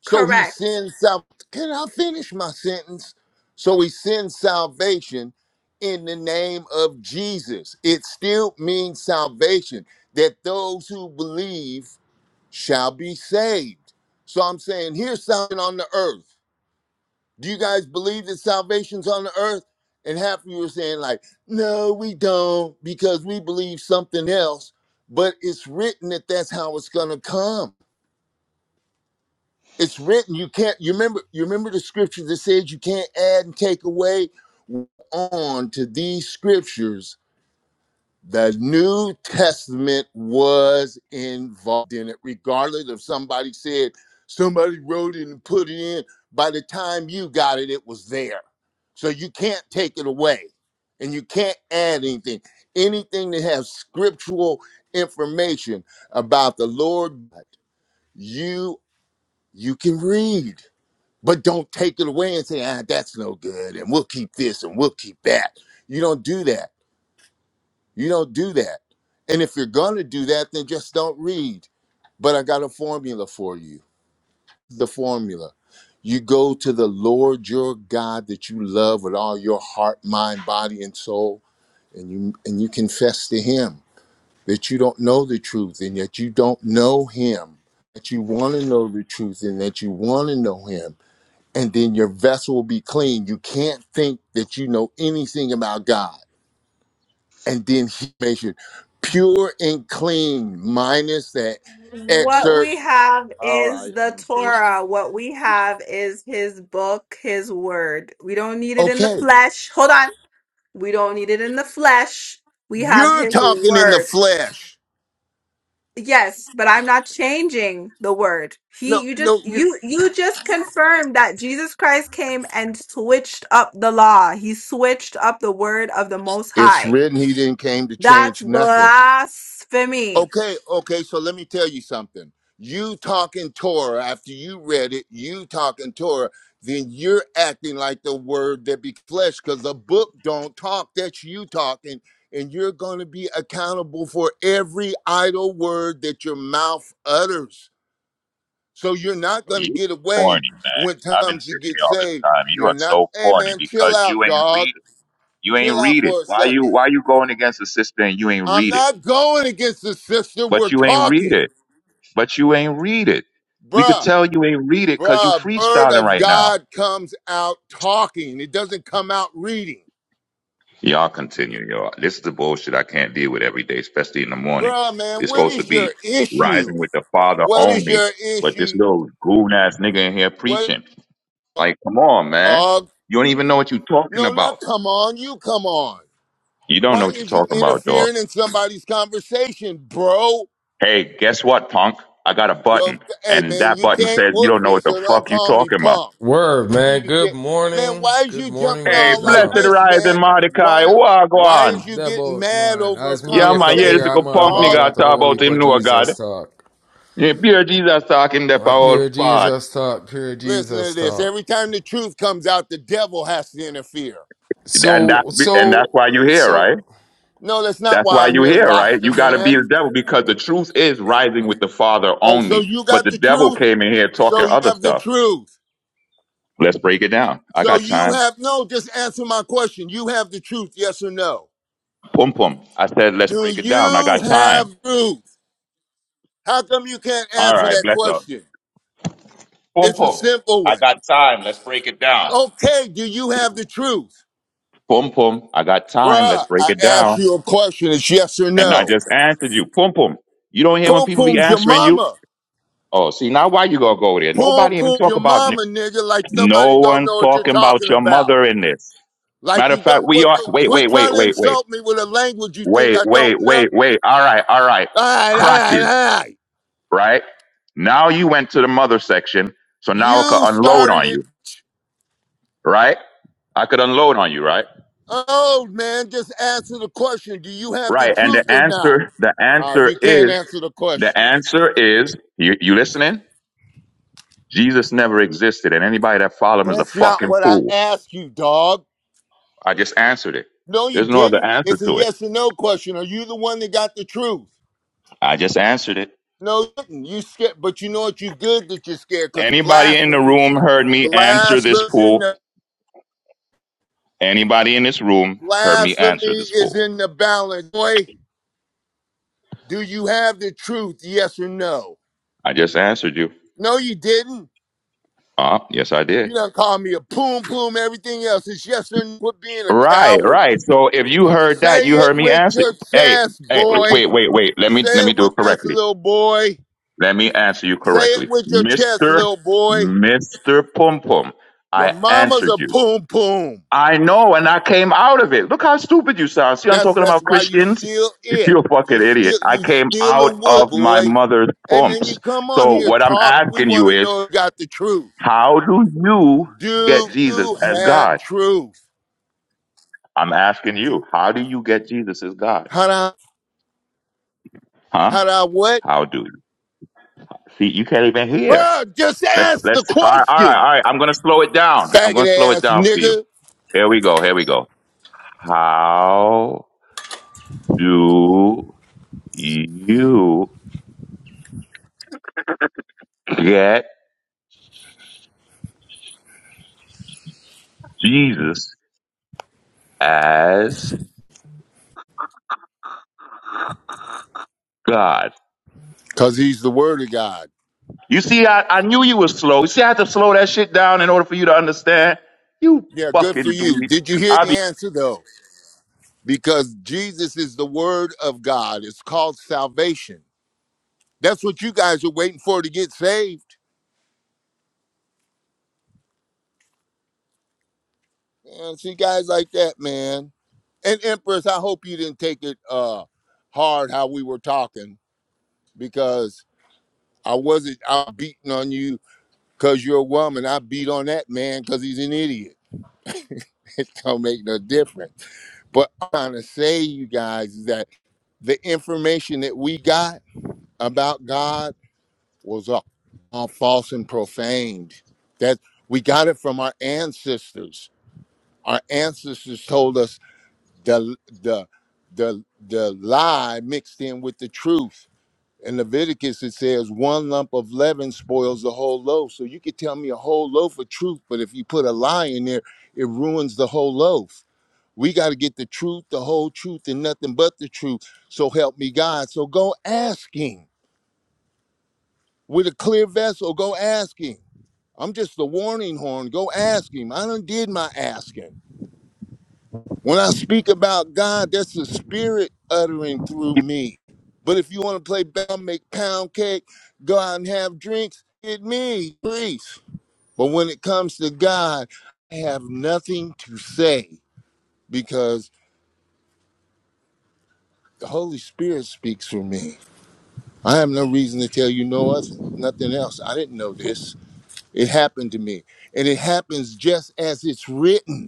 So he
Correct.
sends some. Can I finish my sentence? So he sends salvation in the name of Jesus. It still means salvation that those who believe shall be saved. So I'm saying here's something on the earth. Do you guys believe that salvation's on the earth? And half of you are saying, like, no, we don't, because we believe something else. But it's written that that's how it's going to come it's written you can't you remember you remember the scripture that says you can't add and take away on to these scriptures the new testament was involved in it regardless if somebody said somebody wrote it and put it in by the time you got it it was there so you can't take it away and you can't add anything anything that has scriptural information about the lord you you can read but don't take it away and say, ah, that's no good, and we'll keep this and we'll keep that. You don't do that. You don't do that. And if you're gonna do that, then just don't read. But I got a formula for you. The formula. You go to the Lord your God that you love with all your heart, mind, body, and soul, and you and you confess to him that you don't know the truth and that you don't know him, that you want to know the truth and that you want to know him and then your vessel will be clean. You can't think that you know anything about God. And then he makes you pure and clean, minus that
What
excerpt.
we have
All
is
right,
the
Empress.
Torah. What we have is his book, his word. We don't need it in the
Okay,
flesh. Hold on. We don't need it in the flesh. We have
you're
his
talking in the
word.
flesh.
Yes, but I'm not changing the word. He
No,
you just
no, you.
you you just confirmed that Jesus Christ came and switched up the law. He switched up the word of the most
It's
high.
written he didn't came to
That's
change nothing.
blasphemy.
Okay, okay, so let me tell you something. You talking Torah after you read it, you talking Torah, then you're acting like the word that be flesh because the book don't talk. That's you talking, and you're going to be accountable for every idle word that your mouth utters. So you're not
Oh,
going to
You
get away
corny man.
when it
I've been
comes to
sitting
get
here all this
saved.
time. You
You're
are
not,
so
hey
corny
man, chill
because you
out,
ain't
dog.
read it. You ain't
Chill out
read it.
for a
Why you
second.
why you going against the sister and you ain't
I'm
read it?
not going against the sister. We're
But you ain't read
talking,
it. But you ain't read it. We could
bruh.
tell you ain't read it because you
Bruh, word
freestyling
of
right now.
God comes out talking. It doesn't come out reading.
Y'all continue, y'all. This is the bullshit I can't deal with every day, especially in the morning.
Bruh, man,
It's
what
supposed to
is your
be
issue?
rising with the Father
What is
only,
your
but this
issue?
little goon ass nigga in here
What
preaching. Like, come on, man.
dog?
You don't even know what you're talking
No,
about.
not come on. You come on.
You don't
Why
know what you're
is you
talking about, dog.
interfering in somebody's conversation, bro?
Hey, guess what, punk? I got a
Yo,
button,
hey
and
man,
that
you
button
can't
says you
whoop
don't know
me,
what the
so don't
fuck you
call me
talking about.
punk.
Word, man.
You
Good
can't, man.
morning.
Why is
Good
you
morning,
jumping
Hey,
all like
blessed
Vietnam.
this,
rising
man?
Mordecai,
Why, why is
wagwan.
you
That
getting
boat,
mad
man.
over a
As me
Yeah,
wake
man,
up
yeah, this
here,
is
I'm
a
conversation,
on
punk
dog?
nigga
ball
I
out a
talk
whole
about
heap
him,
of
no God.
Jesus talk.
Yeah, pure Jesus talking the
A pure
power.
Jesus talk, pure
Listen to
Jesus
this.
talk.
Every time the truth comes out, the devil has to interfere.
and that
So,
and that's why
so,
you're here,
so.
right?
No, that's not
That's
why
why
I'm
you're
here,
here, right?
Rasta
You got to be
man.
the devil because the truth is rising with the Father
Oh, so
only.
you
But
got
the
the
devil
truth?
came in here talking
So you
other
have the
stuff.
truth.
Let's break it down. I
So
got
you
time.
have, no, just answer my question. You have the truth, yes or no?
Pum pum. I said let's
Do
break it down. I
you
got time.
have truth? How come you can't
All
answer
right,
that
bless up.
question?
Pum
It's a
pum.
simple
I
one.
got time. Let's break it down.
Okay, do you have the truth?
Pum pum. I got time. Let's
Bruh,
break
I
it
asked
down.
you a question. It's yes or
And I
no.
just answered you. Pum pum. You don't hear when
Pum
people be
Pum's your
answering you.
mama.
Oh, see now why you gonna go there?
Pull,
Nobody even
pull
talk
your
about.
mama, nigga, like
No
nobody don't
one
know what you're
talking about
talking
your
about.
mother in this.
Like
Matter of
you
fact,
don't.
we
What?
are.
The,
Wait,
quit
wait, wait,
trying to
wait, wait,
insult me with a language you think
wait,
I
wait,
don't know.
wait, wait. All right, all right.
All right, all right,
Crotches,
all right.
right? Now you went to the mother section, so now I could
You
unload
started
on
it.
you, right? I could unload on you, right?
Oh man, just answer the question. Do you have the
Right. And the
truth or not?
answer, the
Oh,
answer
you can't
is,
answer the
the
question.
answer is, you, you listening? Jesus never existed, and anybody that followed him is a
That's not
fucking
what I
fool.
asked you, dog.
I just answered it.
No, you
There's no other
didn't.
answer
It's a
to it.
yes or no question. Are you the one that got the truth?
I just answered it.
No, you didn't. You scared, but you know what? You good that you're scared because
Anybody in the
blasphemy,
room heard me answer this
blasphemy is in
fool?
the
Anybody in this room heard me
blasphemy
answer this
is
fool?
in the balance. Boy, do you have the truth? Yes or no?
I just answered you.
No, you didn't.
Ah, yes, I
You
did.
done called me a poom poom. Everything else is yes or no. Quit being a
Right,
coward.
right. So if you heard that,
Say
you
it
heard me
with
answer.
your
Hey,
chest,
hey,
boy.
wait, wait, wait. Let
Say
me let me
it
do it
with us,
correctly.
little boy.
Let me answer you
Say it
correctly,
with your chest,
Mister
little boy.
Mister Pum Pum.
Your
I
mama's
answered
a
you.
poom poom.
I know, and I came out of it. Look how stupid you sound. See, I'm
That's
talking
that's
about
why you
Christians.
still it.
You're a
You
fucking
still
idiot. I
you
came
still
out
a wood
of my
boy.
mother's
And then you
pumps.
come on
So
here
what I'm
talk. We
asking
want
you
to
is,
know if you got the truth.
how do you get
Do
Jesus
you
as
have
God?
truth?
I'm asking you,
Do
how do you get Jesus as God?
how do I,
Huh?
how do I what?
How do you? See, you can't even hear.
Bruh, just
Let's
ask
let's
the
all right, all right,
question.
all right. I'm gonna slow it down. I'm gonna
Faggot
slow it
ass
down for you.
nigga.
Here we go, here we go. How do you get Jesus as God.
Cause he's the word of God.
You see, I, I knew you was slow. You see, I had to slow that shit down in order for you to understand. You
Yeah, good
fucking
for you.
dweeb.
Did you hear
I
the
be.
answer though? Because Jesus is the word of God. It's called salvation. That's what you guys are waiting for to get saved. Man, see guys like that, man. And Empress, I hope you didn't take it uh hard how we were talking because I wasn't out beating on you because you're a woman. I beat on that man because he's an idiot. It don't make no difference. But I'm trying to say, you guys, is that the information that we got about God was all, all false and profaned. That we got it from our ancestors. Our ancestors told us the the the the lie mixed in with the truth. In Leviticus, it says one lump of leaven spoils the whole loaf. So you could tell me a whole loaf of truth, but if you put a lie in there, it ruins the whole loaf. We got to get the truth, the whole truth, and nothing but the truth. So help me God. So go ask Him with a clear vessel. Go ask Him I'm just the warning horn. Go ask him. I done did my asking. When I speak about God, that's the spirit uttering through me. But if you want to play bell, make pound cake, go out and have drinks, it me, please. But when it comes to God, I have nothing to say because the Holy Spirit speaks for me. I have no reason to tell you no other, nothing else. I didn't know this. It happened to me. And it happens just as it's written.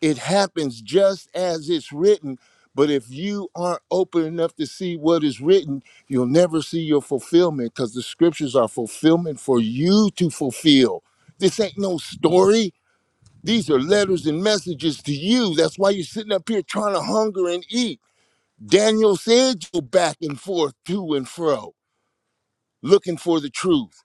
It happens just as it's written. But if you aren't open enough to see what is written, you'll never see your fulfillment because the scriptures are fulfillment for you to fulfill. This ain't no story. These are letters and messages to you. That's why you're sitting up here trying to hunger and eat. Daniel said you back and forth to and fro, looking for the truth.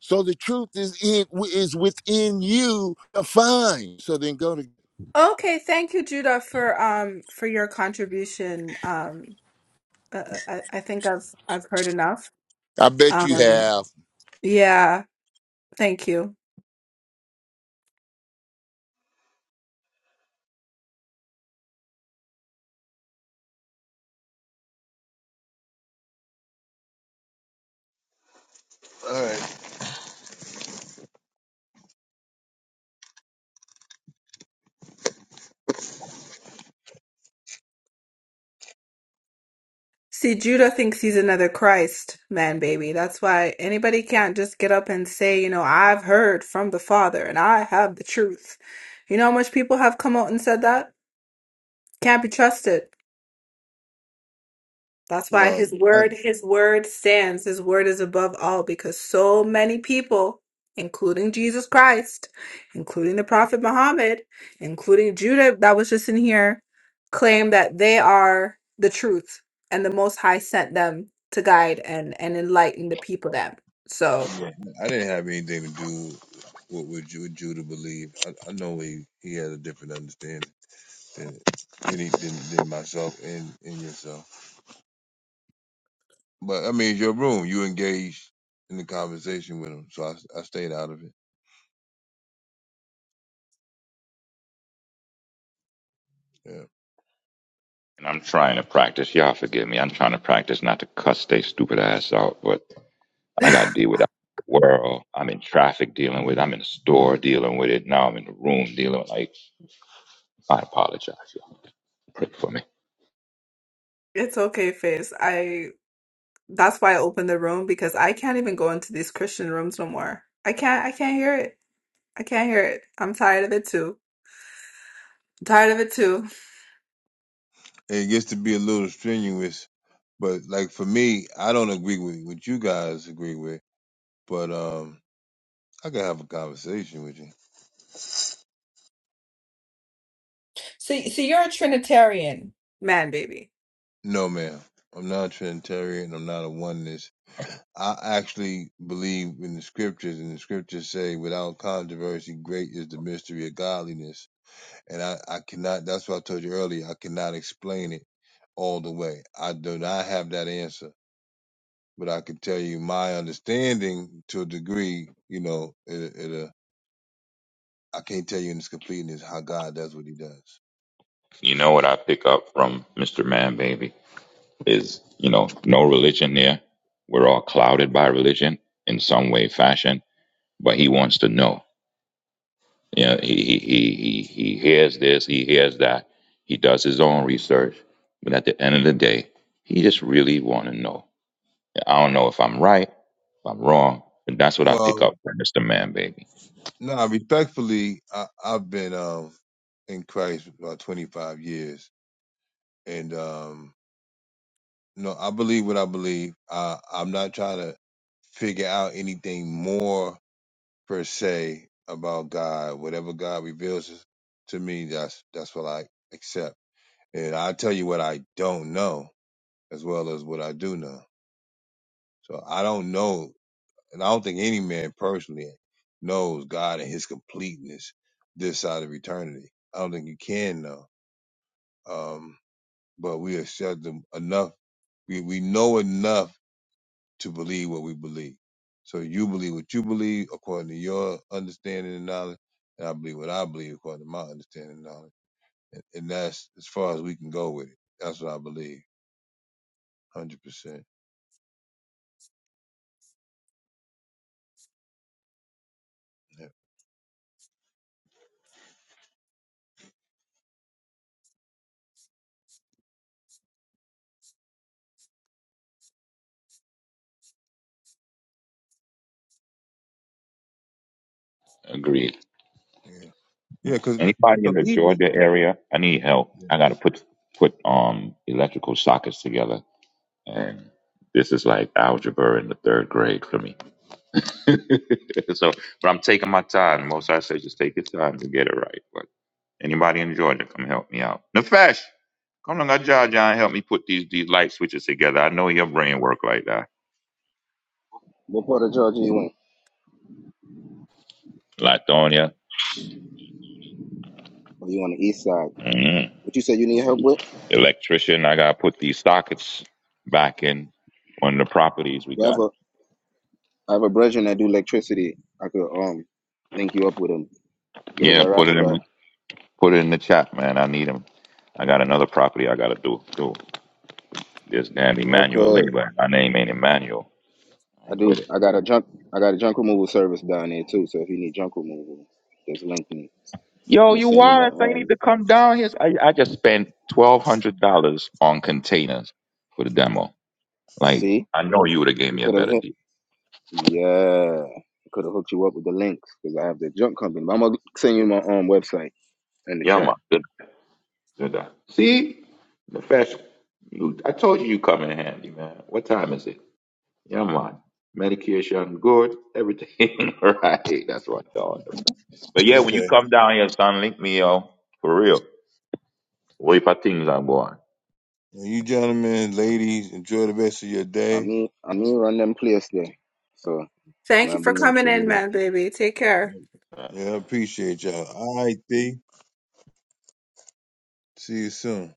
So the truth is in, is within you to find. So then go to.
Okay, thank you, Judah, for um for your contribution. Um, uh, uh, I I think I've I've heard enough.
I bet you
Um,
have.
yeah, thank you.
right.
See, Judah thinks he's another Christ man, baby. That's why anybody can't just get up and say, you know, I've heard from the Father and I have the truth. You know how much people have come out and said that? Can't be trusted. That's why
Well,
his
I,
word, his word stands. His word is above all because so many people, including Jesus Christ, including the Prophet Muhammad, including Judah that was just in here, claim that they are the truth and the Most High sent them to guide and, and enlighten the people them. So
yeah, I didn't have anything to do with what Ju- Judah believed. I, I know he, he had a different understanding than than, he, than than myself and, and yourself. But I mean, it's your room. You engaged in the conversation with him, so I, I stayed out of it. Yeah,
And I'm trying to practice. Y'all forgive me. I'm trying to practice not to cuss they stupid ass out, but I got to deal with the world. I'm in traffic dealing with it. I'm in the store dealing with it. Now I'm in the room dealing with it. Like, I apologize, y'all. Pray for me.
it's okay, Faith. I that's why I opened the room because I can't even go into these Christian rooms no more. I can't I can't hear it. I can't hear it. I'm tired of it too. I'm Tired of it too.
and it gets to be a little strenuous. But like for me, I don't agree with what you guys agree with. But um, I can have a conversation with you.
So, so you're a Trinitarian. Man, baby.
No, ma'am. I'm not a Trinitarian. I'm not a oneness. I actually believe in the scriptures, and the scriptures say, without controversy, great is the mystery of godliness. And I, I cannot, that's what I told you earlier, I cannot explain it all the way. I do not have that answer, but I can tell you my understanding to a degree, you know, it, it, uh, I can't tell you in its completeness how God does what he does.
You know what I pick up from Mr. Man Baby? is you know no religion there we're all clouded by religion in some way fashion but he wants to know you know he he he he he hears this he hears that he does his own research but at the end of the day he just really want to know i don't know if i'm right if i'm wrong but that's what i
Well,
pick up from mr man baby
No, respectfully, I, I've been um in Christ about 25 years, and um, no, I believe what I believe. I, I'm not trying to figure out anything more per se about God. Whatever God reveals to me, that's that's what I accept, and I tell you what I don't know as well as what I do know. So I don't know. And I don't think any man personally knows God and his completeness this side of eternity. I don't think you can know. Um, but we accept them enough. We, we know enough to believe what we believe. So you believe what you believe according to your understanding and knowledge, and I believe what I believe according to my understanding and knowledge. And, and that's as far as we can go with it. That's what I believe, hundred percent.
agreed
Yeah, yeah, because
anybody in
so
the
even
georgia area i need help i gotta put put um electrical sockets together and this is like algebra in the third grade for me. so, but I'm taking my time. Most I say, just take your time to get it right. But anybody in Georgia, come help me out. Nefesh, come on, John, John, help me put these these light switches together. I know your brain work like that.
What part of Georgia you in?
Latonia,
Or you on the east side?
mm,
What you said you need help with?
electrician, I gotta put these sockets back in one of the properties we
Well, I have
got.
a I have a brethren that do electricity. I could um link you up with him. But it's a
Yeah, put
rough
it
guy.
in. Put it in the chat, man. I need them. I got another property I gotta do. Do this damn Emmanuel
Okay.
labor. My name ain't Emmanuel. I
I
ain't
do
with it.
I got a junk I got a junk removal service down there too, so if you need junk removal, just link me. I'm
Yo,
gonna
you
send you my
wild? I need
um
to come down here. I, I just spent twelve hundred dollars on containers for the demo. Like
see?
I know you would have gave
You
me a
could have
better
hit
deal.
Yeah. I could have hooked you up with the links because I have the junk company. But I'm gonna send you my um website in the
Yeah, man.
chat.
Good, good. guy. See, the fashion. You, I told you you come in handy, man. What time is it? Yeah, man. Medication good, everything right. That's what I thought. But yeah, when you
okay.
come down here, son, link me, yo, for real. Way for things I'm going.
Well, You gentlemen, ladies, enjoy the rest of your
I
day.
mean I mean run them place there. So
Thank
now
you
I'm
for
the link
coming
for you
in,
there.
man, baby. Take care.
Yeah, I appreciate y'all. All right, D. See you soon.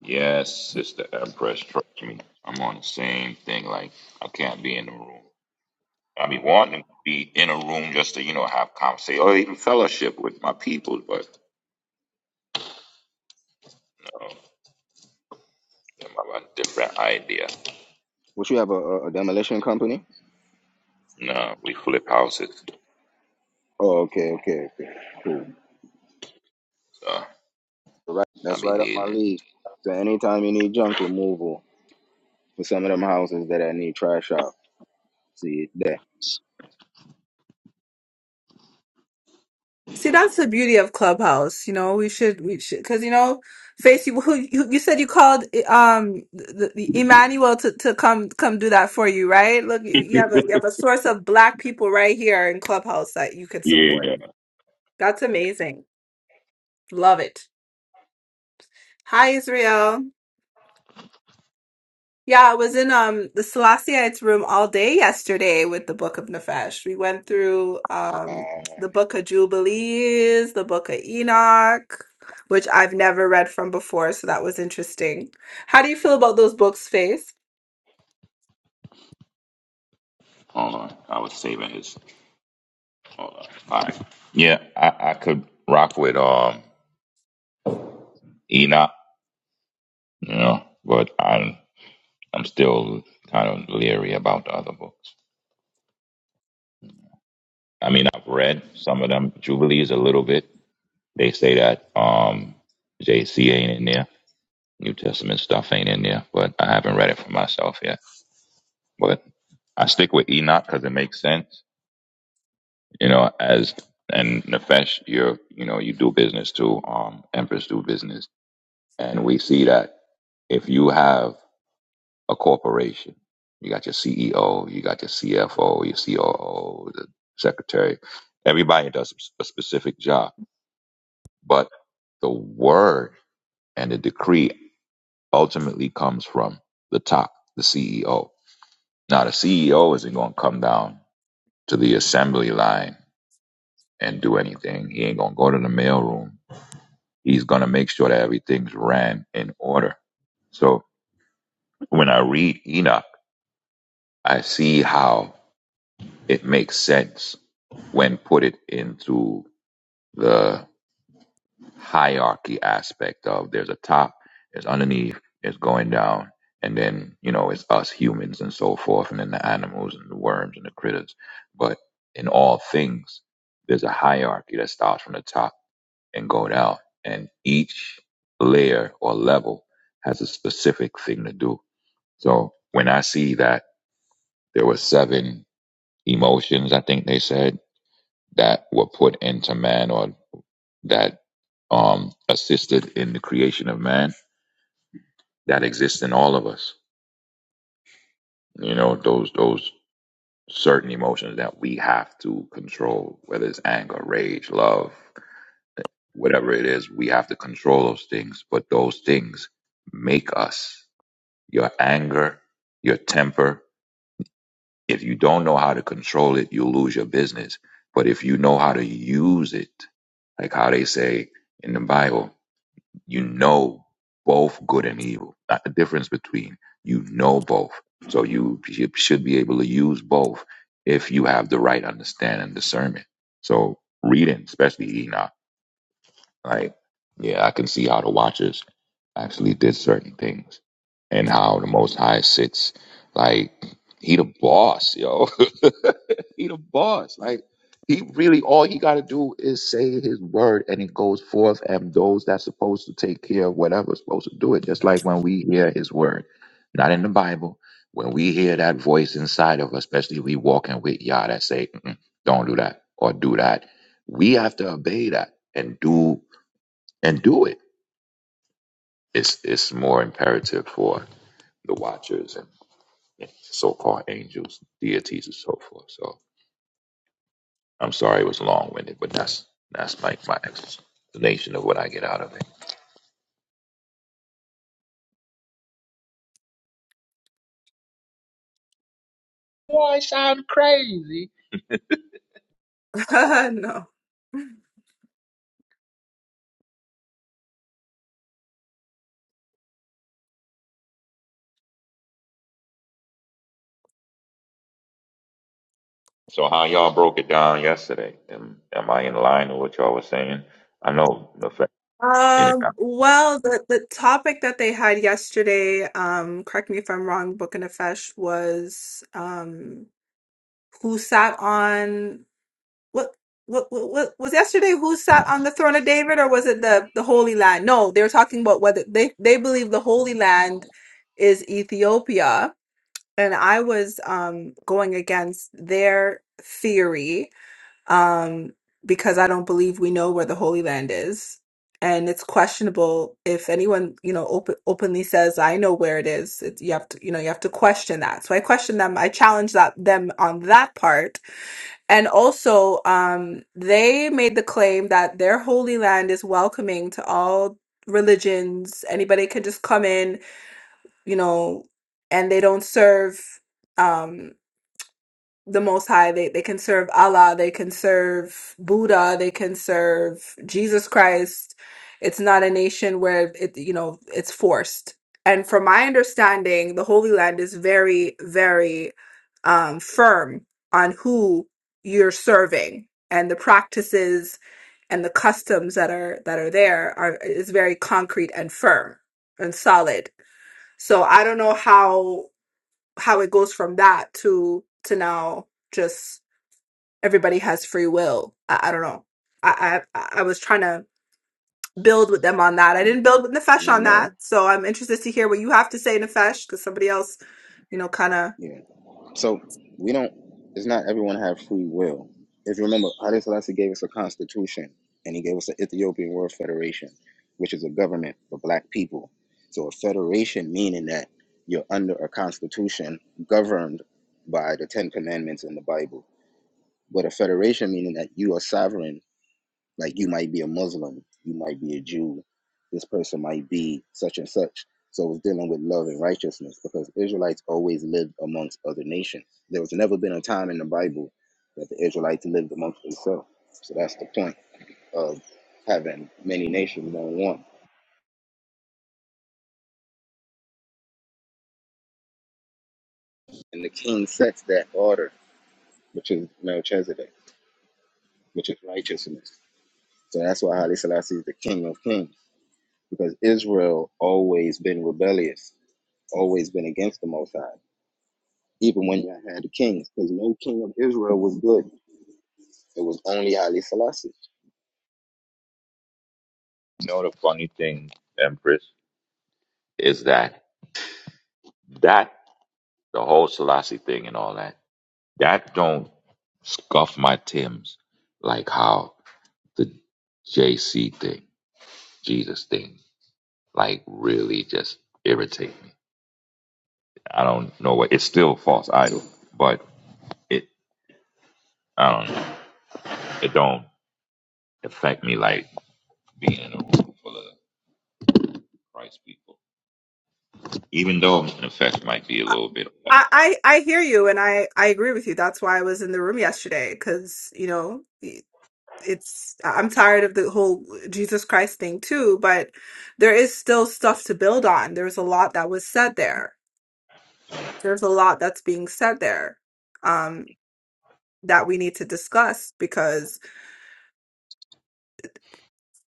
Yes, Sister Empress, trust me. I'm on the same thing. Like, I can't be in the room. I be wanting to be in a room just to, you know, have conversation or even fellowship with my people, but no, I'm about a different idea.
What you have a, a, a demolition company?
No, we flip houses,
Oh, okay, okay, okay, cool.
so
Right,
I
that's
be
right up my
needing
league. So anytime you need junk removal for some of them houses that I need trash out, see it there.
See, that's the beauty of Clubhouse. You know, we should, we should, because you know, Face, you, who, you you said you called eh, um the, the Emmanuel to, to come come do that for you, right? Look,
it.
you have a you have a source of black people right here in Clubhouse that you could support.
yeah.
That's amazing. Love it. Hi, Israel. Yeah, I was in um the Selasseites room all day yesterday with the Book of Nefesh. We went through um the
Uh,
Book of Jubilees, the Book of Enoch, which I've never read from before, so that was interesting. How do you feel about those books, Faith?
Hold on. I was saving his. Hold on. All right. Yeah, I, I could rock with um Enoch, you know, but I'm, I'm still kind of leery about the other books. I mean, I've read some of them Jubilees a little bit. They say that um, JC ain't in there. New Testament stuff ain't in there, but I haven't read it for myself yet. But I stick with Enoch because it makes sense, you know. As and Nefesh, you're you know you do business too. Um, Empress do business, and we see that if you have a corporation, you got your CEO, you got your CFO, your COO, the secretary, everybody does a specific job but the word and the decree ultimately comes from the top, the CEO. Now, the CEO isn't going to come down to the assembly line and do anything. He ain't going to go to the mailroom. He's going to make sure that everything's ran in order. So when I read Enoch, I see how it makes sense when put it into the hierarchy aspect of there's a top, there's underneath, there's going down, and then you know it's us humans and so forth, and then the animals and the worms and the critters. But in all things, there's a hierarchy that starts from the top and go down, and each layer or level has a specific thing to do. So when I see that there were seven emotions, I think they said that were put into man, or that um, assisted in the creation of man that exists in all of us. You know, those those certain emotions that we have to control, whether it's anger, rage, love, whatever it is, we have to control those things. But those things make us. Your anger, your temper. If you don't know how to control it, you'll lose your business. But if you know how to use it, like how they say in the Bible, You know both good and evil. Not the difference between. You know both. So you sh- should be able to use both if you have the right understanding and discernment. So reading, especially Enoch. Like, yeah, I can see how the Watchers actually did certain things and how the Most High sits. Like, he the boss, yo. he the boss. Like, he really, all he got to do is say his word and it goes forth, and those that's supposed to take care of whatever's supposed to do it. Just like when we hear his word, not in the Bible, when we hear that voice inside of us, especially we walking with Yah that say, "Mm-mm, don't do that or do that, we have to obey that and do and do it. It's it's more imperative for the watchers and, and so-called angels, deities, and so forth. So I'm sorry it was long-winded, but that's that's like my explanation of what I get out of it. Boy, I sound crazy.
No.
So how y'all broke it down yesterday? Am, am I in line with what y'all was saying? I know the fact. You
Um, well, the the topic that they had yesterday, um, correct me if I'm wrong, Book of Nefesh was um who sat on what what, what, what was yesterday who sat on the throne of David or was it the the Holy Land? No, they were talking about whether they they believe the Holy Land is Ethiopia and I was um going against their theory um because I don't believe we know where the Holy Land is and it's questionable if anyone you know open, openly says I know where it is it, you have to you know you have to question that so I question them I challenge that them on that part and also, um, they made the claim that their holy land is welcoming to all religions. Anybody can just come in, you know, and they don't serve. um, the Most High. They they can serve Allah, they can serve Buddha, they can serve Jesus Christ. It's not a nation where it you know it's forced. And from my understanding, the Holy Land is very very um, firm on who you're serving and the practices and the customs that are that are there are is very concrete and firm and solid. So I don't know how how it goes from that to to now just everybody has free will. I, I don't know. I, I I was trying to build with them on that. I
n-
didn't build with Nefesh on
no,
that, so I'm interested to hear what you have to say, Nefesh, because somebody else, you know, kind of.
yeah. So we don't. It's not everyone have free will. If you remember, Haile Selassie gave us a constitution, and he gave us the Ethiopian World Federation, which is a government for Black people. So a federation meaning that you're under a constitution governed by the Ten Commandments in the Bible, but a federation meaning that you are sovereign like you might be a Muslim, you might be a Jew, this person might be such and such. So it's dealing with love and righteousness because Israelites always lived amongst other nations. There was never been a time in the Bible that the Israelites lived amongst themselves. So that's the point of having many nations on one. And the king sets that order, which is Melchizedek, which is righteousness. So that's why Haile Selassie is the king of kings because Israel always been rebellious, always been against the Most High. even when you had the kings, because no king of Israel was good. It was only Haile Selassie.
know the funny thing, Empress, is that that the whole Selassie thing and all that. That don't scuff my Tim's like how the JC thing, Jesus thing, like really just irritate me. I don't know what it's still false idol, but it I don't know. It don't affect me like being in a room full of Christ people. Even though an effect might be a little bit off.
I, I I hear you, and I I agree with you. That's why I was in the room yesterday, because you know it's I'm tired of the whole Jesus Christ thing too, but there is still stuff to build on. There was a lot that was said there there's a lot that's being said there um, that we need to discuss because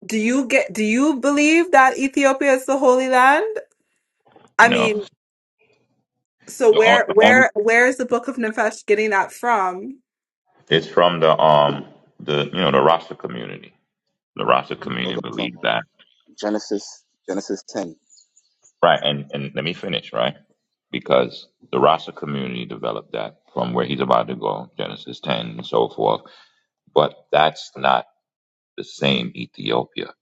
do you get do you believe that Ethiopia is the Holy Land? I
No.
mean, so
The on-
where
the only
where where is the Book of Nefesh getting that from?
it's from the um the you know the Rasta community. The Rasta
We'll
community
go from
believes
um,
that
Genesis Genesis ten.
Right, and, and let me finish, right? Because the Rasa community developed that from where he's about to go, Genesis 10 and so forth. But that's not the same Ethiopia.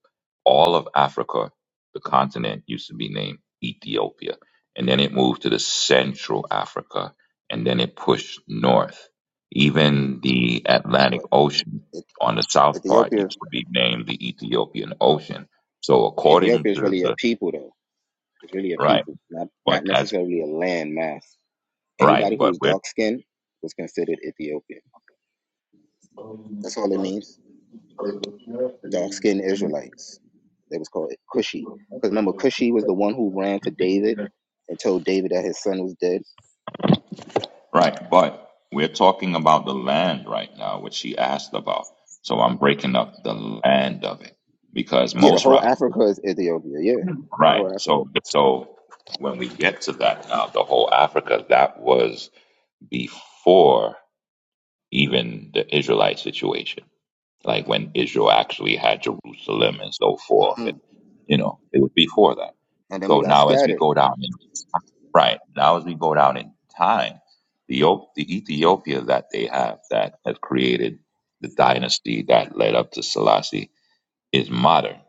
All of Africa, the continent, used to be named Ethiopia. And then it moved to the Central Africa, and then it pushed north. Even the Atlantic
But
Ocean
it,
on the south part
Ethiopia,
used to be named the Ethiopian Ocean. So
but
according
Ethiopia is
to
really a
the,
people though. It's really a
right,
people, not
but
not
as
necessarily a land mass.
Right,
Anybody who
but
was
we're
dark skinned was considered Ethiopian. That's all it means. Dark skinned Israelites. They was called Cushi. Because remember, Cushi was the one who ran to David and told David that his son was dead.
right, but we're talking about the land right now, which she asked about. So I'm breaking up the land of it because
Yeah, the
most
whole
rock
Africa is Ethiopia. Yeah, the whole
right.
Africa.
So so when we get to that now, the whole Africa that was before even the Israelite situation. like when Israel actually had Jerusalem and so forth,
Mm-hmm.
and you know it was before that.
and then we
So
got
now, as we
scattered.
go down in right now, as we go down in time, the Eth- the Ethiopia that they have that has created the dynasty that led up to Selassie is modern,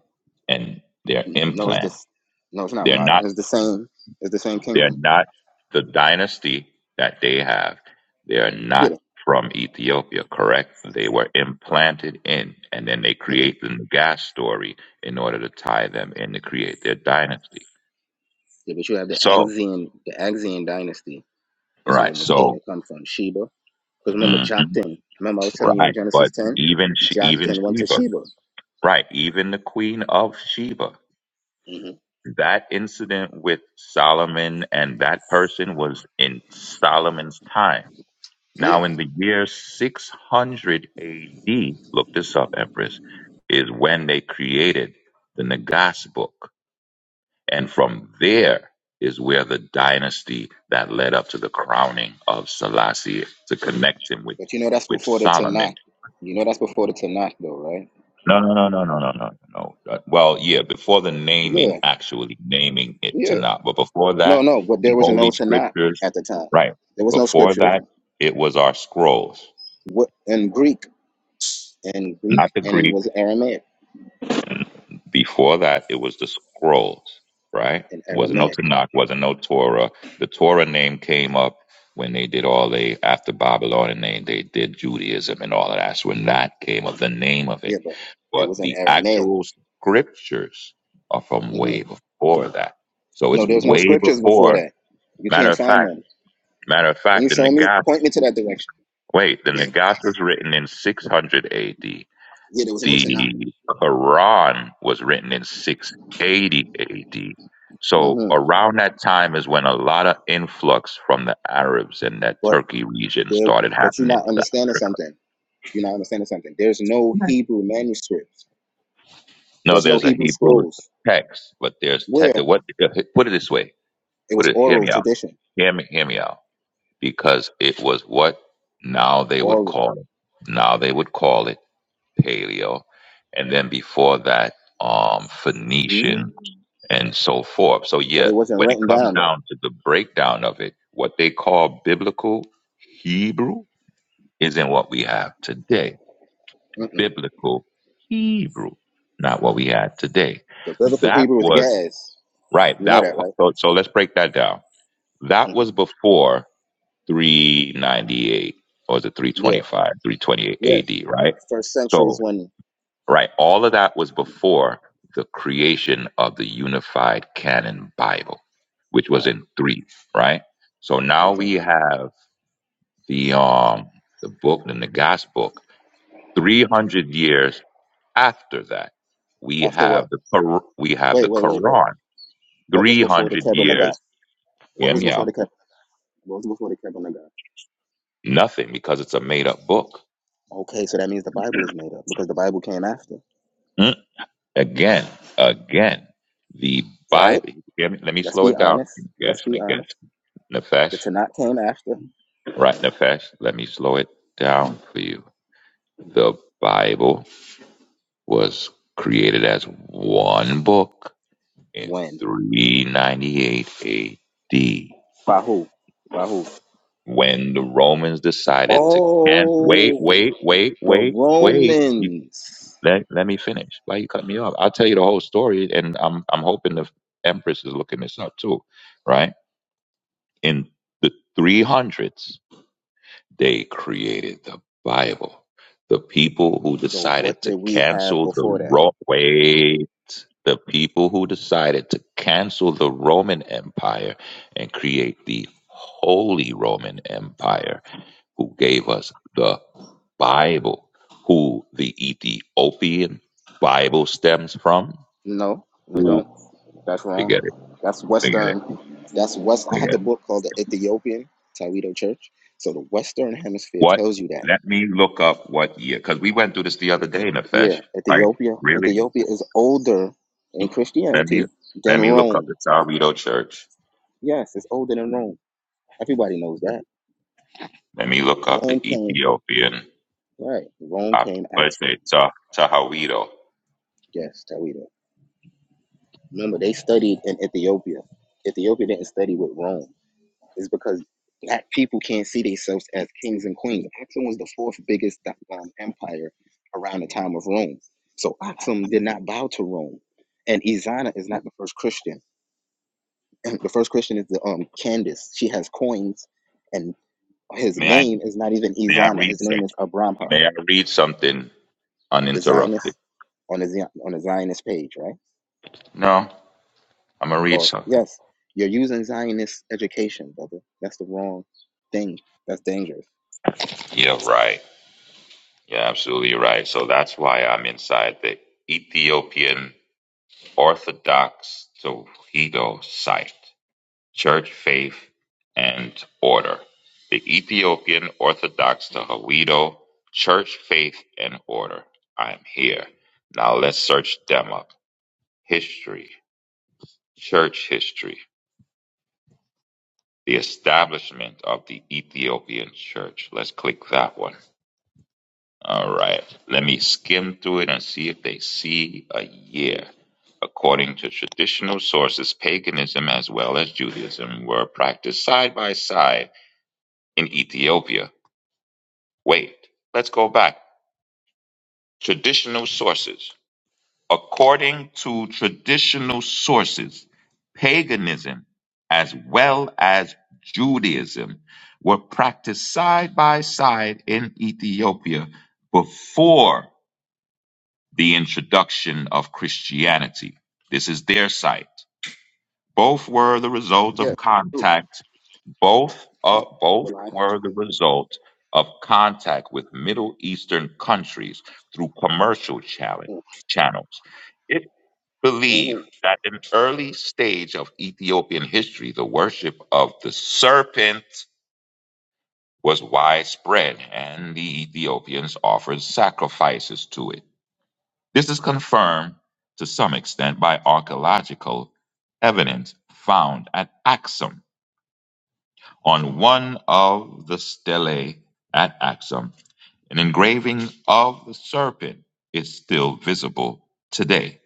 and their
No, it's
implant.
this. No, it's not
They're
modern.
not.
It's the same. It's the same
They're
kingdom.
not the dynasty that they have. They are not
Yeah.
from Ethiopia, correct? They were implanted in, and then they
Mm-mm.
create the gas story in order to tie them in to create their dynasty.
Yeah, but you have the
So,
Axian, the Axian dynasty is where
right, so,
Makeda comes from. Sheba. Because remember
mhm,
Joktan. Remember I was telling you in
right,
Genesis
but
ten,
even she, even
Joktan went to
Sheba,
Sheba.
right, even the queen of Sheba,
hmm
that incident with Solomon and that person was in Solomon's time
Yeah.
Now, in the year 600 AD, look this up, Empress, is when they created the Nagas book. And from there is where the dynasty that led up to the crowning of Selassie to connect him with,
But you know that's
with
before the Tanakh.
Solomon.
You know that's before the Tanakh, though, right?
No, no, no, no, no, no, no, no. Uh, Well, yeah, before the naming,
Yeah.
actually naming it to
Yeah.
not, but before
No,
that,
no. But
the
there was
Holy
no Tanakh
Scriptures,
at the time.
right?
There was no
Before
scripture.
that, it was our scrolls,
What in Greek? In Greek,
not the
and it
Greek
was Aramaic.
Before that, it was the scrolls, right?
In
It wasn't no
Aramaic.
Tanakh, wasn't no Torah. The Torah name came up when they did all they after Babylon, and they they did Judaism and all of that. That's when that came up, the name of
Yeah,
it.
but it
But
was in
the
Aramaic.
actual scriptures are from
hmm
way before that. So
No,
it's
there's no
way
scriptures before
before.
that. You
Matter
can't
of
find
fact,
none.
matter of
Can
fact,
you
the
show me?
Nagas.
Point me to that direction.
Wait, the
Yeah,
Nagas was written in 600 A.D
yeah, there was no Tanakh.
the Quran was written in 680 AD. So
hmm
around that time is when a lot of influx from the Arabs in that
But
Turkey region
there,
started
but you're
happening
not
to
understanding
Africa.
something. You're not understanding something. There's no Hebrew manuscripts.
No,
There's no
there's a
Hebrew
Hebrew
scrolls.
text, but there's te-
Where
what? Put it this way.
it
Put
was
it. Hear
oral
me out.
tradition,
Hear me. Hear me out. Because it was what now they would
oral.
call it. Now they would call it paleo, and then before that, um, Phoenician
hmm
and so forth. So,
But
yeah,
it wasn't
when it
written
comes
down though.
down to the breakdown of it, what they call biblical Hebrew isn't what we have today.
Mm-mm.
Biblical Hebrew, not what we had today.
The biblical
That
Hebrew is
was
Gaz.
right.
You know
That
that, right?
so, so let's break that down. That
hmm
was before 398 or is it
Yeah.
325, 328
Yes.
AD, right?
First century
So.
is when.
right? All of that was before the creation of the unified canon Bible, which was
Right.
in three, right? So
It
now
was
we
in
have the um the book and the gospel. Three hundred years after that, we
after what?
have the Qur- we have
Wait,
the
wait, wait, wait.
Quran.
What was
Three
before the
hundred
Kebra Nagat?
years.
What
Hear
was
me
before
out.
the Kebra? What was before the Kebra Nagat?
Nothing because it's a made up book.
Okay, so that means the Bible is made up because the Bible came after,
Mm. Again, again, the
right?
Bible. Hear me, let me
Let's
slow
be
it down.
honest.
Yes,
Let's
and
be
again,
honest. The
Nefesh.
Tanakh came after
Right, Nefesh, let me slow it down for you. The Bible was created as one book in
when?
398 AD
By who? By who?
when the Romans decided to can wait,
Oh,
wait, wait,
the
wait, wait. You,
Romans.
let, let me finish. Why you cut me off? I'll tell you the whole story, and I'm I'm hoping the Empress is looking this up too, right? In the 300s, They created the Bible. The people who
So what
decided
did
to
we have
cancel the
before that?
Ro- wait, the people who decided to cancel the Roman Empire and create the Holy Roman Empire, who gave us the Bible, who the Ethiopian Bible stems from.
No, they
Ooh,
don't. That's wrong.
forget it,
That's
forget it,
Western. That's West. I had
forget
the
it.
book called The Ethiopian Toledo Church. So the Western Hemisphere
What?
tells you that.
Let me look up what year, because we went through this the other day,
Yeah,
Nefesh. Right?
Ethiopia.
Really?
Ethiopia is older in
Let me
Christianity
let
than
me look up
Rome.
the Tawido Church.
Yes, it's older than Rome. Everybody knows that.
Let me look up the
Rome came
Ethiopian.
right. Rome
Uh,
came
let's
after.
say Ta Tahawido.
Yes, Toledo. Remember, they studied in Ethiopia. Ethiopia didn't study with Rome. is because black people can't see themselves as kings and queens. Axum was the fourth biggest um, empire around the time of Rome. So Axum did not bow to Rome. And Izana is not the first Christian. the first Christian is the um Candace. She has coins and his
May I
name is not even
may I
Izana.
read
His
some,
name is Abramha,
May I read something
the
uninterrupted?
Zionist on the Zion, on the Zionist page, right?
No, I'm gonna read
Or
something.
yes, you're using Zionist education, brother. That's the wrong thing. That's dangerous.
Yeah, right. Yeah, absolutely right. So that's why I'm inside the Ethiopian Orthodox Tawido site. Church Faith and Order: The Ethiopian Orthodox Tewahedo Church Faith and Order. I'm here. Now let's search them up. History, church history, the establishment of the Ethiopian church. Let's click that one. All right. Let me skim through it and see if they see a year. According to traditional sources, paganism as well as Judaism were practiced side by side in Ethiopia Wait, let's go back. Traditional sources. According to traditional sources, paganism as well as Judaism were practiced side by side in Ethiopia before the introduction of Christianity. This is their site. Both were the result
Yes,
of
that's true.
contact. Both uh, both
Malak.
were the result of contact with Middle Eastern countries through commercial challenge, channels. It believed
hmm
that in early stage of Ethiopian history, the worship of the serpent was widespread, and the Ethiopians offered sacrifices to it. This is confirmed to some extent by archaeological evidence found at Axum on one of the stelae at Axum, an engraving of the serpent is still visible today.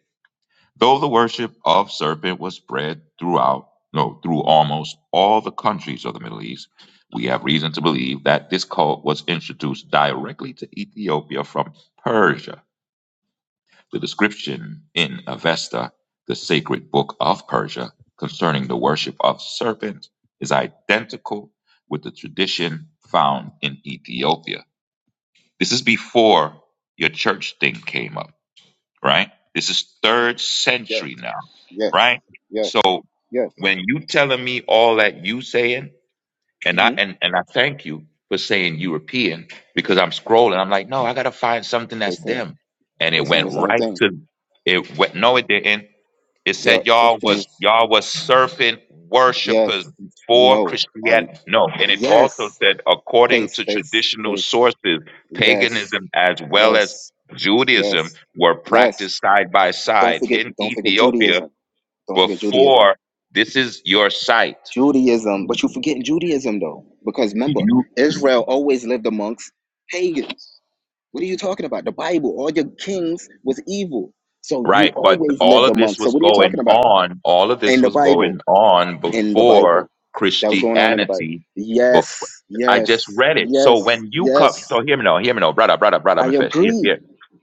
Though the worship of serpent was spread throughout, no, through almost all the countries of the Middle East, we have reason to believe that this cult was introduced directly to Ethiopia from Persia the description in Avesta, the sacred book of Persia, concerning the worship of serpent is identical with the tradition found in Ethiopia. This is before your church thing came up, right? This is third
Yes,
century now,
yes,
right? So
yes, yes.
when you telling me all that you saying, and I
hmm
and, and I thank you for saying European because I'm scrolling. I'm like, no, I gotta find something
They
that's
saying
them. And
they
it
saying
went
the same
right
thing.
to it went no, it didn't. It
They are
said y'all
Christians.
was y'all was serpent worshipers
Yes,
before
no, or
Christianity. No, and it also
yes,
said according
face,
to
face,
traditional
face.
sources,
Yes,
paganism as well as
yes,
Judaism
yes,
were
yes.
practiced side by
Don't
side
forget,
in
don't forget
Ethiopia
Judaism. Don't forget Judaism.
before this is your site
Judaism, but you forgetting Judaism though, because remember, Israel always lived amongst pagans. What are you talking about? The Bible, all your kings was evil, so you
Right, but
always
all
lived
of this
amongst. So
was
what are you
going
talking about?
on, all of
In
this
the
was
Bible,
going on
in the Bible,
before
that was going on in the Bible.
Christianity. Before
Yes,
I just
yes,
read it. So
yes,
when you come,
yes.
so hear me now, hear me now, brother, brother, brother,
I
Nefesh, hear,
agree.
hear,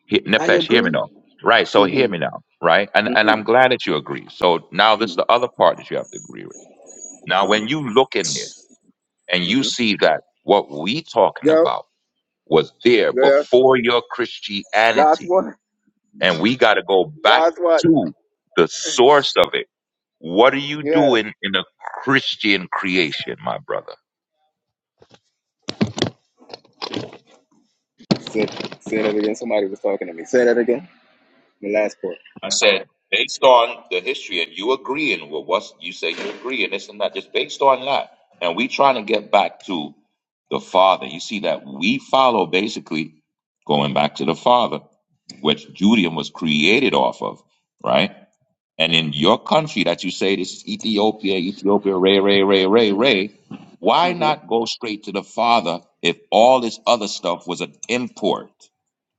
hear,
I
Nefesh, hear me
agree.
now. Right, so hear
Mhm,
me now, right? And and I'm
mhm,
glad that you agree. So now this is
mhm,
the other part that you have to agree with. Now when you look in there and you
mhm.
see that what we talking
Yep.
about was there
Yeah.
before your
Last
Christianity
one.
and we got to go back
Last one.
to the source of it. What are you
Yeah.
doing in a Christian creation, my brother?
Say, say that again. Somebody was talking to me. Say that again. The last part.
I said, based on the history and you agreeing with what you say you agree and this and that, just based on that. And we trying to get back to the Father. You see that we follow basically going back to the Father, which Judaism was created off of, right? And in your country that you say this is Ethiopia, Ethiopia, Ray, Ray, Ray, Ray, Ray, why
hmm
not go straight to the Father if all this other stuff was an import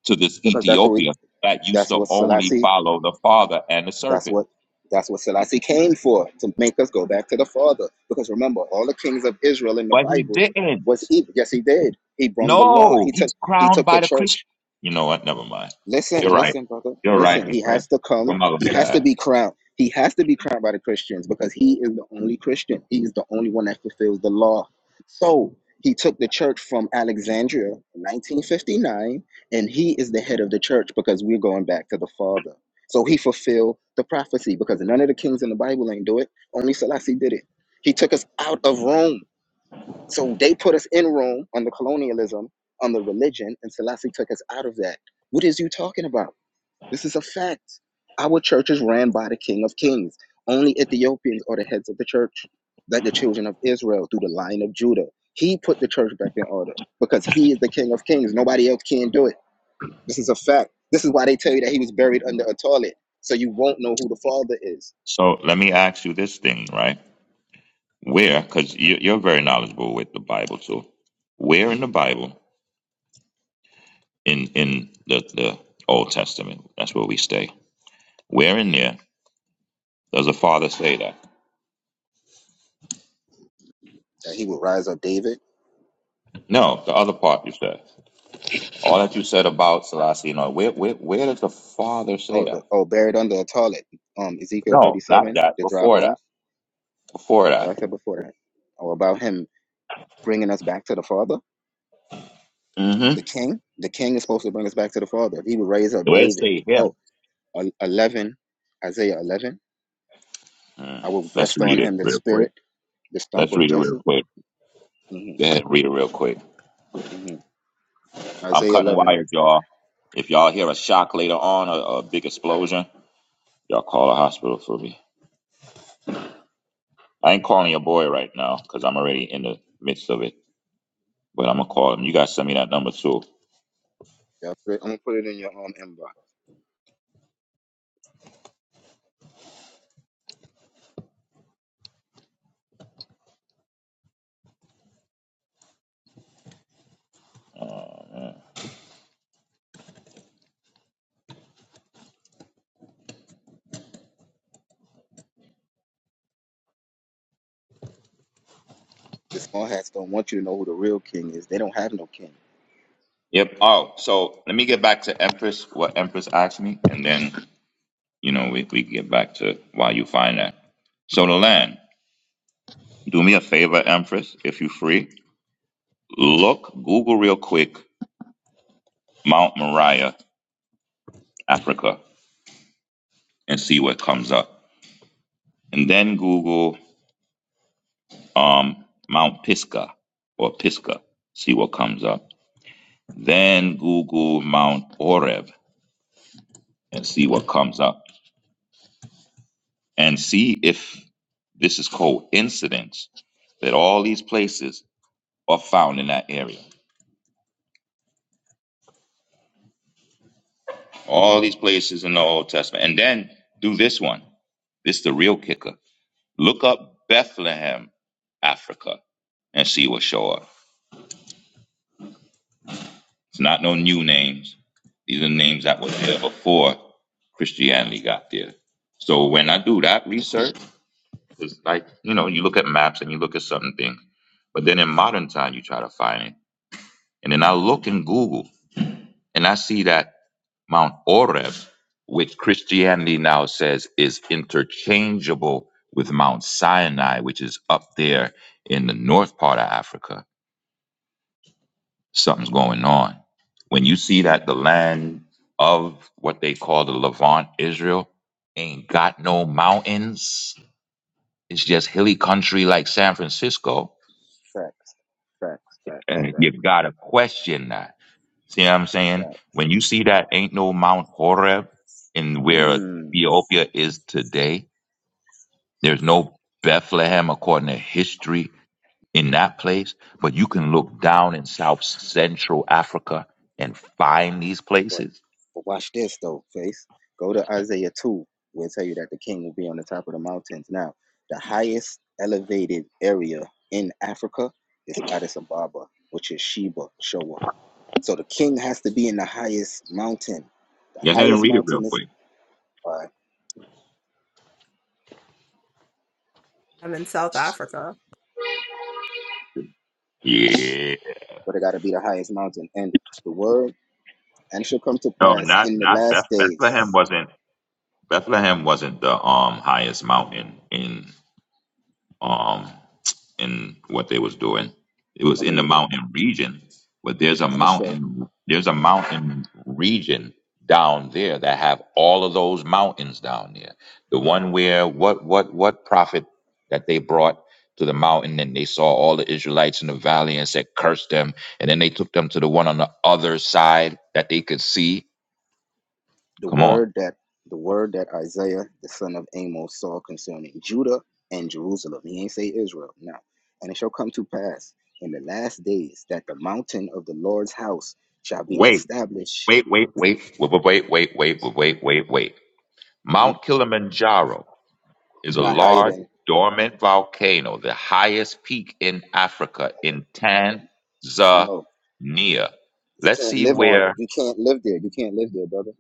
to this
Because that's what we,
Ethiopia that used
that's
to
what
only
Selassie.
follow the Father and the
That's
serpent?
what that's what Selassie came for to make us go back to the Father. Because remember, all the kings of Israel in the
But he
Bible
didn't.
was evil. Yes, he did. He brung the law.
No,
He took
he's
he
crowned
took the
by the
church.
Christian. You know what? Never mind.
Listen,
You're right.
listen, brother.
You're right,
Listen, he
Nicole.
has to come.
We're not gonna
He
do
has to
that.
be crowned. He has to be crowned by the Christians because he is the only Christian. He is the only one that fulfills the law. So he took the church from Alexandria in 1959, and he is the head of the church because we're going back to the Father. So he fulfilled the prophecy because none of the kings in the Bible ain't do it. Only Selassie did it. He took us out of Rome. So they put us in Rome on the colonialism, on the religion, and Selassie took us out of that. What is you talking about? This is a fact. Our church is ran by the King of Kings. Only Ethiopians are the heads of the church, like the children of Israel through the line of Judah. He put the church back in order because he is the King of Kings. Nobody else can do it. This is a fact. This is why they tell you that he was buried under a toilet, so you won't know who the Father is.
So let me ask you this thing, right? Where, because you, you're very knowledgeable with the Bible too. Where in the Bible in in the, the Old Testament. That's where we stay. Where in there does the father say that?
That he will rise up, David.
No, the other part you said. All that you said about Selassie, you know, where where where does the father say
Oh, the,
that?
oh, buried under a toilet. Um, Ezekiel
No, not
thirty-seven,
that.
the dry
Before that.
bones.
Before
What I
that.
said before that, or about him bringing us back to the Father. the
Mm-hmm.
king the king is supposed to bring us back to the father he would raise up
Where does
david
it say
Oh,
him?
11, isaiah 11
Mm.
i will
Let's
rest on
read it
him the
real quick.
spirit the stump
Let's
of
read it real
jesse
quick.
hmm
Go ahead, read it real quick.
hmm
I'm
isaiah
cutting
11
wires, y'all. If y'all hear a shock later on, a, a big explosion, y'all call a hospital for me. I ain't calling your boy right now because I'm already in the midst of it. But I'm gonna call him. You guys send me that number too.
yeah, i'm gonna put it in your um, inbox
Oh, man.
the small hats don't want you to know who the real king is they don't have no king
Yep. Oh, so let me get back to Empress. What Empress asked me, and then you know we we get back to why you find that. So the land. Do me a favor, Empress, if you free. Look, Google real quick, Mount Moriah, Africa, and see what comes up, and then Google um Mount Pisgah or Pisgah, see what comes up. Then Google Mount Oreb and see what comes up and see if This is coincidence that all these places are found in that area. All these places in the Old Testament. And then do this one. This is the real kicker. Look up Bethlehem, Africa, and see what show up. It's not no new names. These are names that were there before Christianity got there. So when I do that research, it's like, you know, you look at maps and you look at certain things. But then in modern time, you try to find it. And then I look in Google and I see that Mount Oreb, which Christianity now says is interchangeable with Mount Sinai, which is up there in the north part of Africa, something's going on. When you see that the land of what they call the Levant, Israel, ain't got no mountains, it's just hilly country like San Francisco,
facts facts facts
and
facts
you gotta question that. See what I'm saying?
facts
When you see that ain't no Mount Horeb in where
mm.
Ethiopia is today, There's no Bethlehem according to history in that place, but you can look down in South Central Africa and find these
But
places.
but watch this though, face. Go to Isaiah 2. We'll tell you that the king will be on the top of the mountains. Now, the highest elevated area in Africa is Addis Ababa, which is Sheba, Showa. So the king has to be in the highest mountain. The
Go ahead and
highest
read it real
mountain is
quick.
uh,
I'm in South Africa.
Yeah.
but it gotta be the highest mountain. And the word and it shall come to
No,
pass
not
in the
not
last
Beth, Bethlehem
days.
wasn't Bethlehem wasn't the um highest mountain in um in what they was doing. It was
Let me
in the
read it.
mountain region, but there's a
And it shall
mountain there's a mountain region down there that have all of those mountains down there. The one where what what what prophet that they brought to the mountain and they saw all the Israelites in the valley and said curse them and then they took them to the one on the other side that they could see.
the
Come on.
word that the word that Isaiah the son of Amos saw concerning Judah and Jerusalem. He ain't say Israel. No. And it shall come to pass in the last days that the mountain of the Lord's house shall be
Wait,
established.
wait, wait, wait, wait, wait, wait, wait, wait, wait, wait.
Mhm.
Mount Kilimanjaro is a
Not higher
large
than
dormant volcano, the highest peak in Africa, in Tanzania.
no. You
Let's
can't
see
live on.
where.
You can't live there. You can't live there, brother.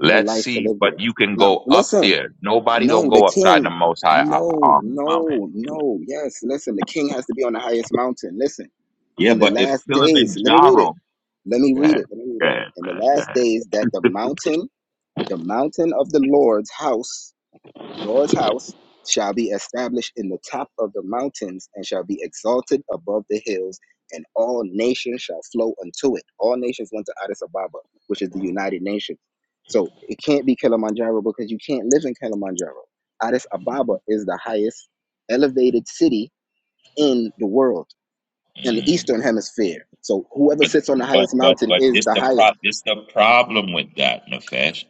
No life can
see,
live there.
but you can
Now
go up
listen.
there. Nobody don't
No, the
go upside the
king.
Most High uh,
No,
um, mountain.
no, no. Yes, listen. The king has to be on the highest mountain. Listen.
Yeah,
In the
but if
last days, let me read it
Kilimanjaro,
Let me
go
read
ahead,
it. Let me read
go
it.
ahead,
In the
man, go
last days that the mountain, the mountain of the Lord's house, Lord's house, shall be established in the top of the mountains and shall be exalted above the hills, and all nations shall flow unto it. All nations went to Addis Ababa, which is the United Nations. So it can't be Kilimanjaro because you can't live in Kilimanjaro. Addis Ababa is the highest elevated city in the world in the
ahead.
eastern hemisphere. So whoever
But
sits on the
but
highest
but
mountain
but
is
it's
the
the
highest.
pro- it's the problem with that, Nefesh.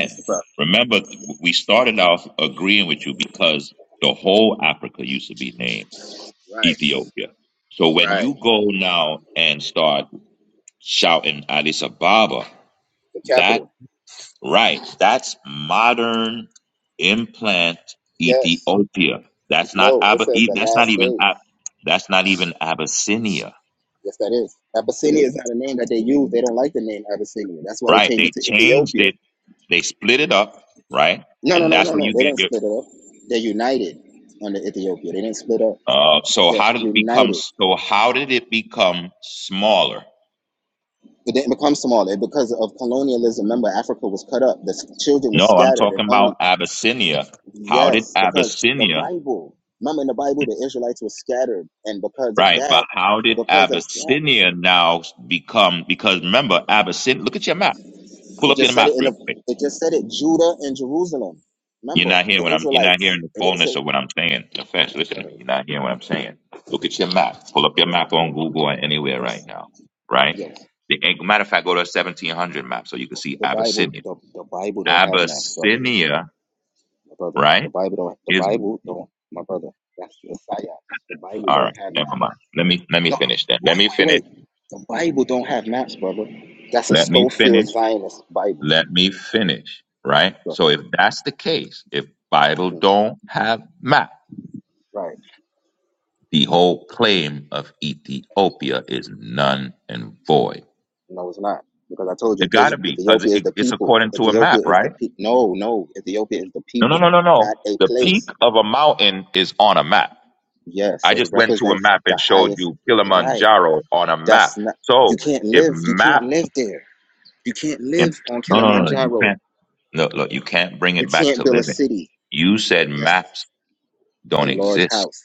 What's the problem?
remember th- we started off agreeing with you because the whole Africa used to be named
Right,
Ethiopia. So when
right.
you go now and start shouting Addis Ababa,
The
that
capital.
right, that's modern implant
Yes.
Ethiopia. That's not
No, it
Abba,
says the
that's not
last
even
days.
Ab- that's not even Abyssinia.
Yes, that is. Abyssinia is not a name that they use. They don't like the name Abyssinia. That's why they
Right.
changed
They
it to
changed
Ethiopia.
it They split it up, right?
No, no,
And
no,
that's
no,
where
no.
you
They
get
didn't
your.
split it up. They're united under Ethiopia. They didn't split up.
Uh, so
They're
how did it become?
united.
So how did it become smaller?
It didn't become smaller because of colonialism. Remember, Africa was cut up. The s- children were
No, I'm
scattered and
talking
only.
about Abyssinia. How did
Yes, because the
Abyssinia?
Bible. Remember in the Bible, the Israelites were scattered. And because of
Right, but
that,
how did
because of that.
Abyssinia now become? Because remember, Abyssinia. Look at your map. Pull
It
up
just
your
said
map
it in
real quick.
the. It just said it Judah and Jerusalem.
You're
Remember
not hearing
the
what I'm. You're not
Israelites.
hearing the
It didn't
fullness
say.
of what I'm saying. No offense. Listen
Go
to me.
ahead.
You're not hearing what I'm saying. Look at your map. Pull up your map
Yeah,
on Google or anywhere
that's
right now. Right.
yes.
The and matter of fact, go to a 1700 map so you can see
The Bible.
Abyssinia.
The, the Bible don't have math, brother.
Abyssinia.
My brother. The
Right.
Bible don't. The
Is
Bible don't. My brother. That's the Messiah. The Bible
all right.
don't have math.
Never mind. Let me let me
No,
finish that. Let me
no,
finish.
wait, wait. The Bible don't have maps, brother. That's a
Let me
Schofield
finish.
Zionist Bible.
Let me finish. Right.
Go
So if that's the case, if
ahead.
Bible
Mhm.
don't have map,
Right.
the whole claim of Ethiopia is none and void
No, it's not. Because I told you,
It got
is
to be because
Ethiopia is
it,
the
it's
people.
according to a
Ethiopia
map,
is the
right?
pe- No, no. Ethiopia is the
No, no,
people,
no, no, no.
not a
The peak
place.
of a mountain is on a map.
Yes,
I
it
just went to a
represents
map
the
and showed
highest
you
right.
Kilimanjaro on a
That's
map.
not. You
So
can't
if
live. You can't
map,
live there. You can't
and-
live on
no, no, no, no, you
Kilimanjaro.
can't. No, look, you can't bring
You
it back
can't
to
build a
living.
city.
You said
Yes,
maps
the
don't
Lord's
exist,
house.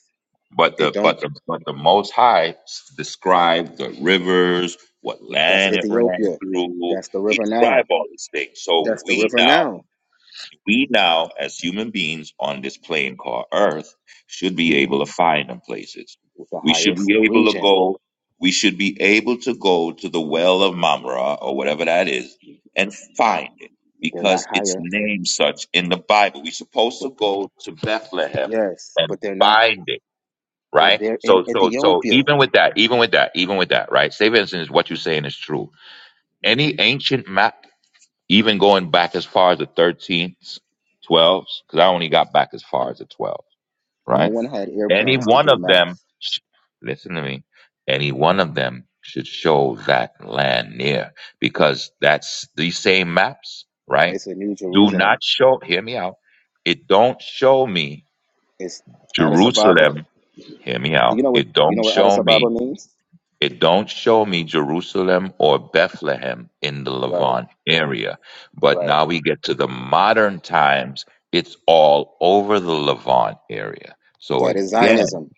but
It
the
don't.
but the but the Most High s- described the rivers, what
That's
land it ran
Ethiopia.
through.
That's the
He
river now.
described all these things. So
That's the
we
river
now
now.
We now, as human beings on this plane called Earth, should be
Mhm.
able to find them places.
The
We should
highest
be able to
region.
go. We should be able to go to the well of Mamre or whatever that is and find it
They're not
because it's
higher,
named such in the Bible. We're supposed to
but
go to Bethlehem
yes,
and
but they're not
find it,
but
right?
they're in
So, so, so
Ethiopia.
even with that, even with that, even with that, right? St. Vincent is what you're saying is true. Any ancient map even going back as far as the 13th, 12s, because I only got back as far as the 12s,
No
right?
one had
Any
airplanes to
one
do
of them,
maps.
sh- listen to me, any one of them should show that land near because that's these same maps, right?
It's a New
Do not
Jerusalem.
show, hear me out. It don't show me
It's Addis Ababa.
Jerusalem, hear me
Do
out.
you know what
It
you know
don't
what Addis
show me
Ababa means?
it don't show me Jerusalem or Bethlehem in the
Right,
Levant area. But
right.
now we get to the modern times, it's all over the Levant area. So
That is
again,
Zionism.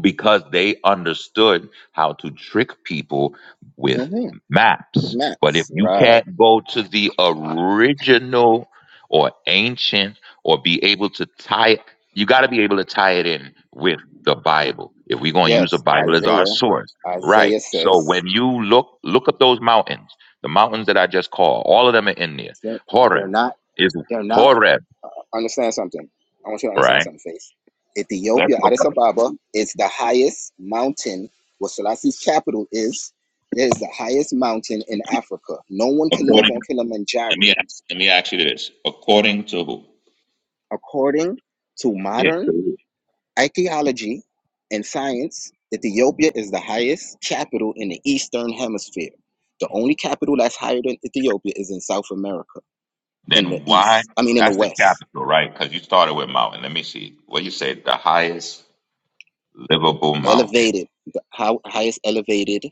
because they understood how to trick people with
Mm-hmm.
maps. But if
Maps.
you
Right.
can't go to the original or ancient or be able to tie it, you got to be able to tie it in with the Bible. If we're going to use the
Yes,
Bible as our
Isaiah.
source, right?
Isaiah
So
says
when you look look up those mountains, the mountains that I just called, all of them are in there.
they're, they're
Horeb
not
is
they're not
Horeb,
Understand something. I want you to understand
right?
something, Faith.
Let's
Ethiopia,
look
Addis
up
Ababa, is the highest mountain where Selassie's capital is. It is the highest mountain in Africa. No one can live
according.
on
Let
Kilimanjaro.
me ask, let me ask you this: according to who?
According to
Yeah.
modern archaeology and science, Ethiopia is the highest capital in the Eastern Hemisphere. The only capital that's higher than Ethiopia is in South America, in the
Then why?
East. I mean, in the
That's the
West.
capital, right? Because you started with mountain. Let me see. What you say? The highest livable mountain.
elevated the highest elevated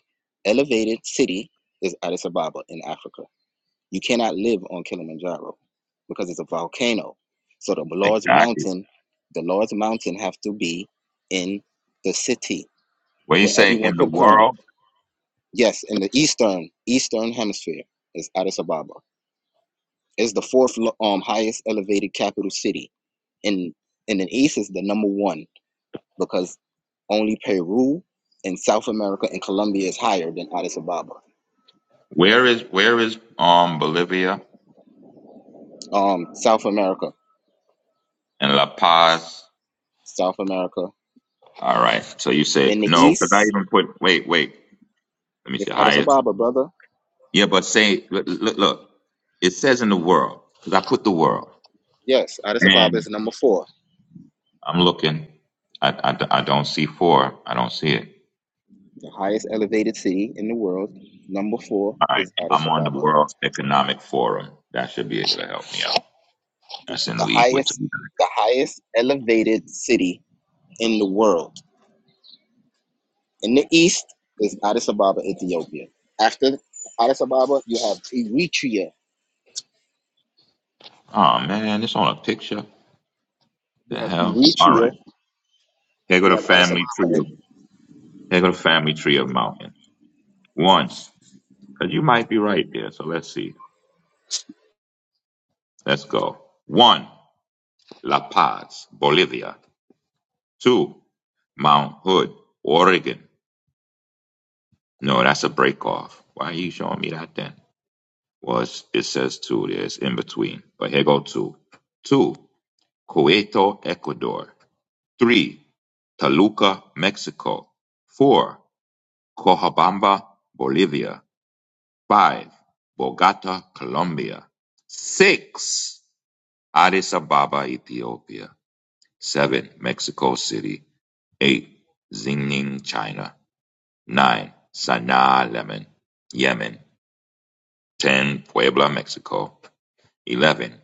elevated city is addis ababa in africa you cannot live on kilimanjaro because it's a volcano so the lord's
Exactly.
mountain the lord's mountain have to be in the city
What you
where
say
everyone
in the
could come
world?
yes in the eastern eastern hemisphere is addis ababa it's the fourth um, highest elevated capital city in in the east is the number one because only Peru and South America and Colombia is higher than Addis Ababa.
Where is where is um Bolivia
Um, South America,
and La Paz?
South America.
All right. So you
In
say
the
no because I
east
even put wait wait. Let me
is
see
Addis
highest.
Ababa, brother.
Yeah, but say look look. look. It says in the world because I put the world
Yes, Addis Ababa
and
is number four,
I'm looking. I, I, I don't see four. I don't see it.
the highest elevated city in the world. Number four
All right.
is Addis
I'm on the
Ababa,
World Economic Forum. That should be able to help me out. That's in
the
league with the
highest, the highest elevated city in the world. In the east is Addis Ababa, Ethiopia. After Addis Ababa, you have Eritrea.
Oh man, it's on a picture.
You
The
have
hell? All
Eritrea.
right. Here go
You
the
have Addis
family tree
Ababa in
of here go the family tree of mountain. cause you might be right there. So let's see. Let's go. One, La Paz, Bolivia. Two, Mount Hood, Oregon. No, that's a break off. Why are you showing me that then? Well, it's, it says two. There's in between. But here go two. Two, Quito, Ecuador. three Toluca, Mexico; four Cochabamba, Bolivia; five Bogota, Colombia; six Addis Ababa, Ethiopia; seven Mexico City; eight Xining, China; nine Sana'a, Yemen; Yemen; ten Puebla, Mexico; eleven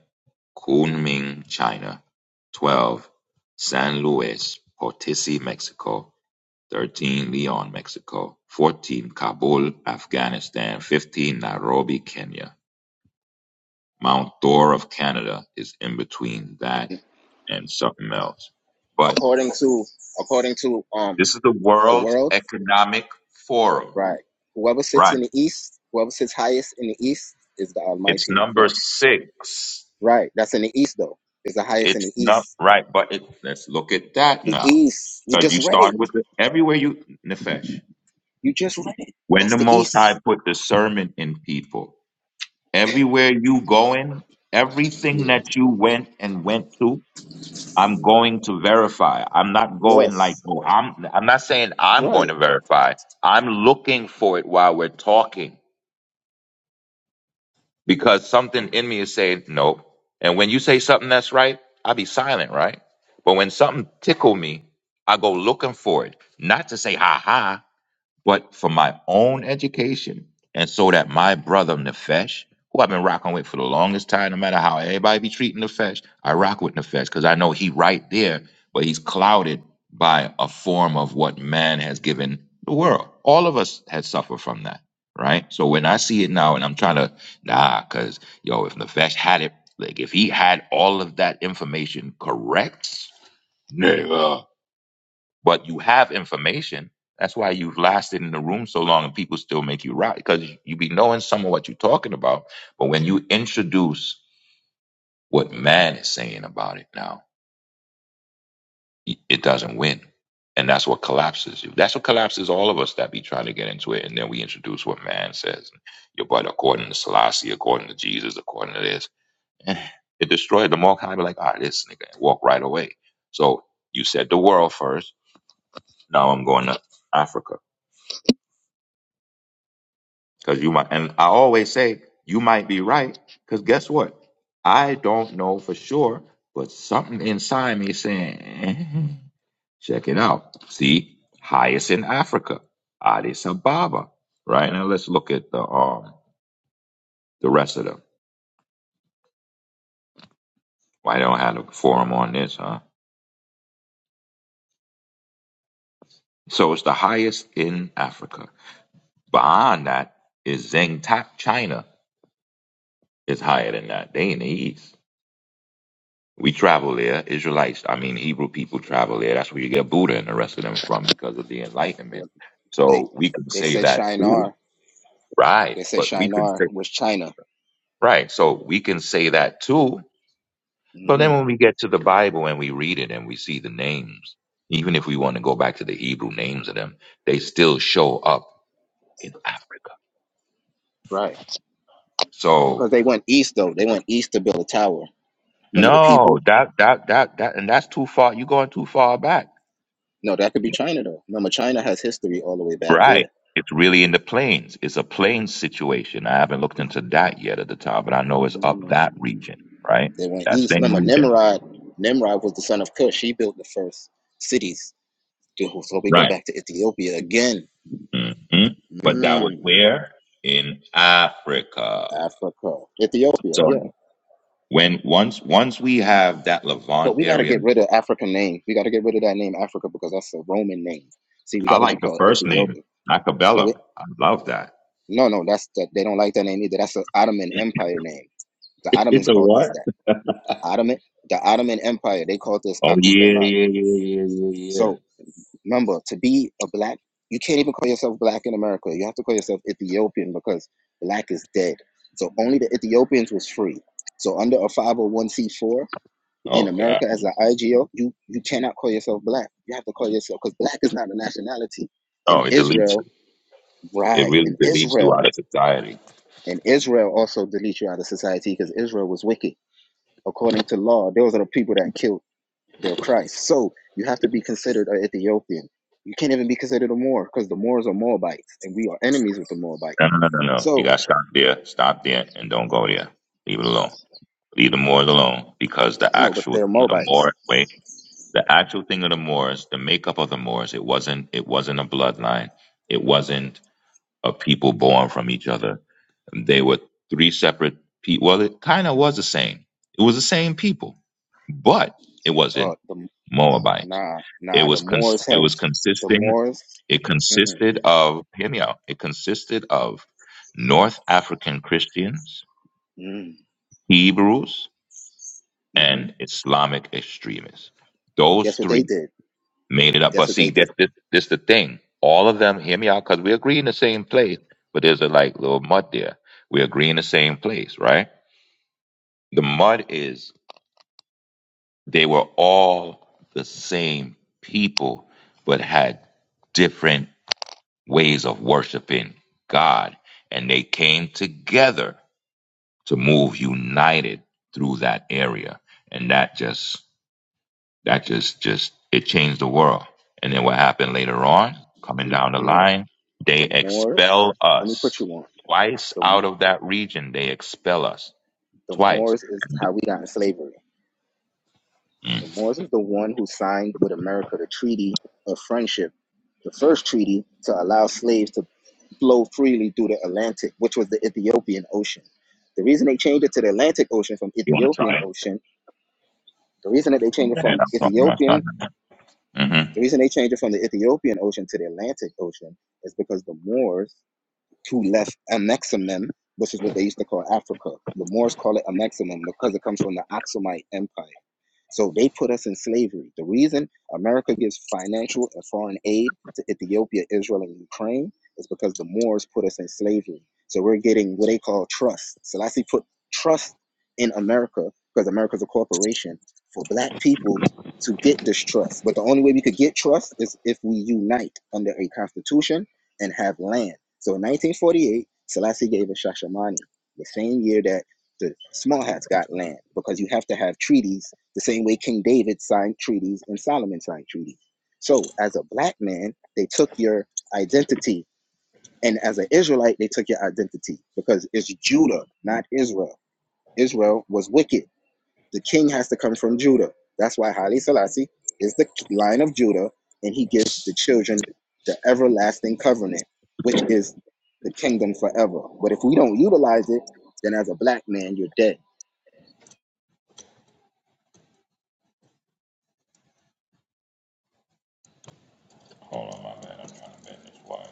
Kunming, China; twelve San Luis Potosi, Mexico; thirteen Leon, Mexico, fourteen Kabul, Afghanistan, fifteen Nairobi, Kenya. Mount Dora of Canada is in between that and something else. But
according to according to um
this is the
the
World
world,
Economic Forum,
right? Whoever sits
right?
in the east, whoever sits highest in the east is the
It's
Almighty in
number
flesh.
six.
Right. That's in the east though. Is the highest in
It's
the
not
east.
right, but it, let's look at that
The
now.
east. You
Because
just
you
read it.
started with it everywhere you, Nefesh,
You just read it.
when
That's
the
the
Most High
east.
put discernment in people, Everywhere you going, everything
Yeah.
that you went and went to, I'm
Mhm.
going to verify. I'm not going like,
Yes.
oh, I'm I'm not saying I'm going
Right.
to verify. I'm looking for it while we're talking because something in me is saying no. And when you say something that's right, I'll be silent, right? But when something tickle me, I go looking for it, not to say ha ha but for my own education and so that my brother Nefesh, who I've been rocking with for the longest time, no matter how everybody be treating Nefesh, I rock with Nefesh because I know he right there, but he's clouded by a form of what man has given the world. All of us had suffered from that, right? So when I see it now and I'm trying to, nah, because, yo, if Nefesh had it, like if he had all of that information correct, nigga but you have information. That's why you've lasted in the room so long and people still make you right because you be knowing some of what you're talking about. But when you introduce what man is saying about it now, it it doesn't win. And that's what collapses you. That's what collapses all of us that be trying to get into it. And then we introduce what man says. Your but according to Selassie, according to Jesus, according to this. eh, It destroyed the more kind of like, all right, this nigga, and walk right away. So you said the world first. Now I'm going to Africa. Because you might, and I always say, you might be right. Because guess what? I don't know for sure, but something inside me is saying, "Eh, check it out. See, highest in Africa, Addis Ababa. Right now, let's look at the um the rest of them. Why don't I have a forum on this, huh? So it's the highest in Africa. Beyond that is Zhengtap, China is higher than that. They in the east. We travel there. Israelites, I mean, Hebrew people travel there. That's where you get Buddha and the rest of them from because of the Enlightenment.
What they
So we can
they
say
said
that,
Shinar.
right?
They said
But we could
Shinar
say,
was China.
right. So we can say that too. But then
hmm
when we get to the Bible and we read it and we see the names, even if we want to go back to the Hebrew names of them, they still show up in Africa.
Right. Because
So
they went east though. They went east to build a tower. Remember the
no,
people?
that, that, that, that, and that's too far. You're going too far back.
No, that could be China though. Remember, China has history all the way back
Right.
there.
It's really in the plains. It's a plains situation. I haven't looked into that yet at the time, but I know it's up that
Mhm.
region, right?
They went
That
east.
same
Remember,
region.
Nimrod. Nimrod was the son of Cush. He built the first cities. Dude, So we go
Right.
back to Ethiopia again.
hmm But that was
Mm,
where? In Africa.
Africa, Ethiopia,
So
yeah.
when once once we have that
But
Levant
we got to
area,
get rid of African names. We got to get rid of that name Africa because that's a Roman name. See, we
I
got to be
like the
called
first name,
Ethiopia. No, we,
Macabella. I love that.
no, no. That's that. They don't like that name either. That's an Ottoman Empire name. The Ottomans
It's a
called us
what?
that. Ottoman, the Ottoman Empire. They called us
Oh yeah,
Akubala.
yeah, yeah, yeah, yeah, yeah.
So remember, to be a black, you can't even call yourself black in America. You have to call yourself Ethiopian because black is dead. So only the Ethiopians was free. So under a 501c4 in
Oh god.
America as an IGO, you you cannot call yourself black. You have to call yourself because black is not a nationality.
Oh,
In
it deletes you.
Israel,
It
right?
really
In
deletes you
Israel,
out of society.
and Israel also deletes you out of society because Israel was wicked. According to law, those are the people that killed. They're Christ. So you have to be considered an Ethiopian. You can't even be considered a Moor because the Moors are Moabites and we are enemies with the Moabites.
No, no, no, no, no. You
So,
gotta stop there. Stop there and don't go there. Leave it alone. Leave the Moors alone because the
no, but
actual
they're
thing of the
Moabites.
Moors, wait, the actual thing of the Moors, the makeup of the Moors, it wasn't, it wasn't a bloodline. It wasn't a people born from each other. They were three separate people. Well, it kind of was the same. It was the same people, but it
Uh,
wasn't
the,
Moabites.
nah,
It
nah, the
was cons-
Moors
it was
helped. The
consisting.
Moors,
It
mm-mm,
consisted of, hear me out, it consisted of North African Christians,
mm,
Hebrews,
mm-hmm.
and Islamic extremists.
But
Those
guess what they
three
did?
made it up.
Guess
But
what they
see, this,
did?
this, this the thing. All of them, hear me out, because we agree in the same place, but there's a like little mud there. We agree in the same place, right? The mud is they were all the same people, but had different ways of worshiping God. And they came together to move united through that area. And that just, that just, just, it changed the world. And then what happened later on, coming
N-
down the
No,
line, they
the Moors,
expel
let me put you
us
on.
twice
The,
out of that region. They expel us
the
twice.
Moors is how we got in slavery.
Mm.
The Moors is the one who signed with America the Treaty of Friendship the first treaty to allow slaves to flow freely through the Atlantic, which was the Ethiopian Ocean. The reason they changed it to the Atlantic Ocean from
You want to
Ethiopian
try it?
Ocean, the reason that they changed it
Man,
from
I'm talking to my
Ethiopian,
son. Mm-hmm.
the reason they changed it from the Ethiopian Ocean to the Atlantic Ocean is because the Moors to left Amexamem, which is what they used to call Africa. The Moors call it Amexamem because it comes from the Aksumite Empire. So they put us in slavery. The reason America gives financial and foreign aid to Ethiopia, Israel, and Ukraine is because the Moors put us in slavery. So we're getting what they call trust. Selassie put trust in America because America's a corporation for black people to get this trust. But the only way we could get trust is if we unite under a constitution and have land. So in 1948, Selassie gave us Shashamani, the same year that the small hats got land, because you have to have treaties the same way King David signed treaties and Solomon signed treaties. So as a black man, they took your identity. And as an Israelite, they took your identity because it's Judah, not Israel. Israel was wicked the king has to come from Judah. That's why Haile Selassie is the line of Judah, and he gives the children the everlasting covenant, which is the kingdom forever. But if we don't utilize it, then as a black man, you're dead.
Hold on, my bad. I'm trying to bend this wire.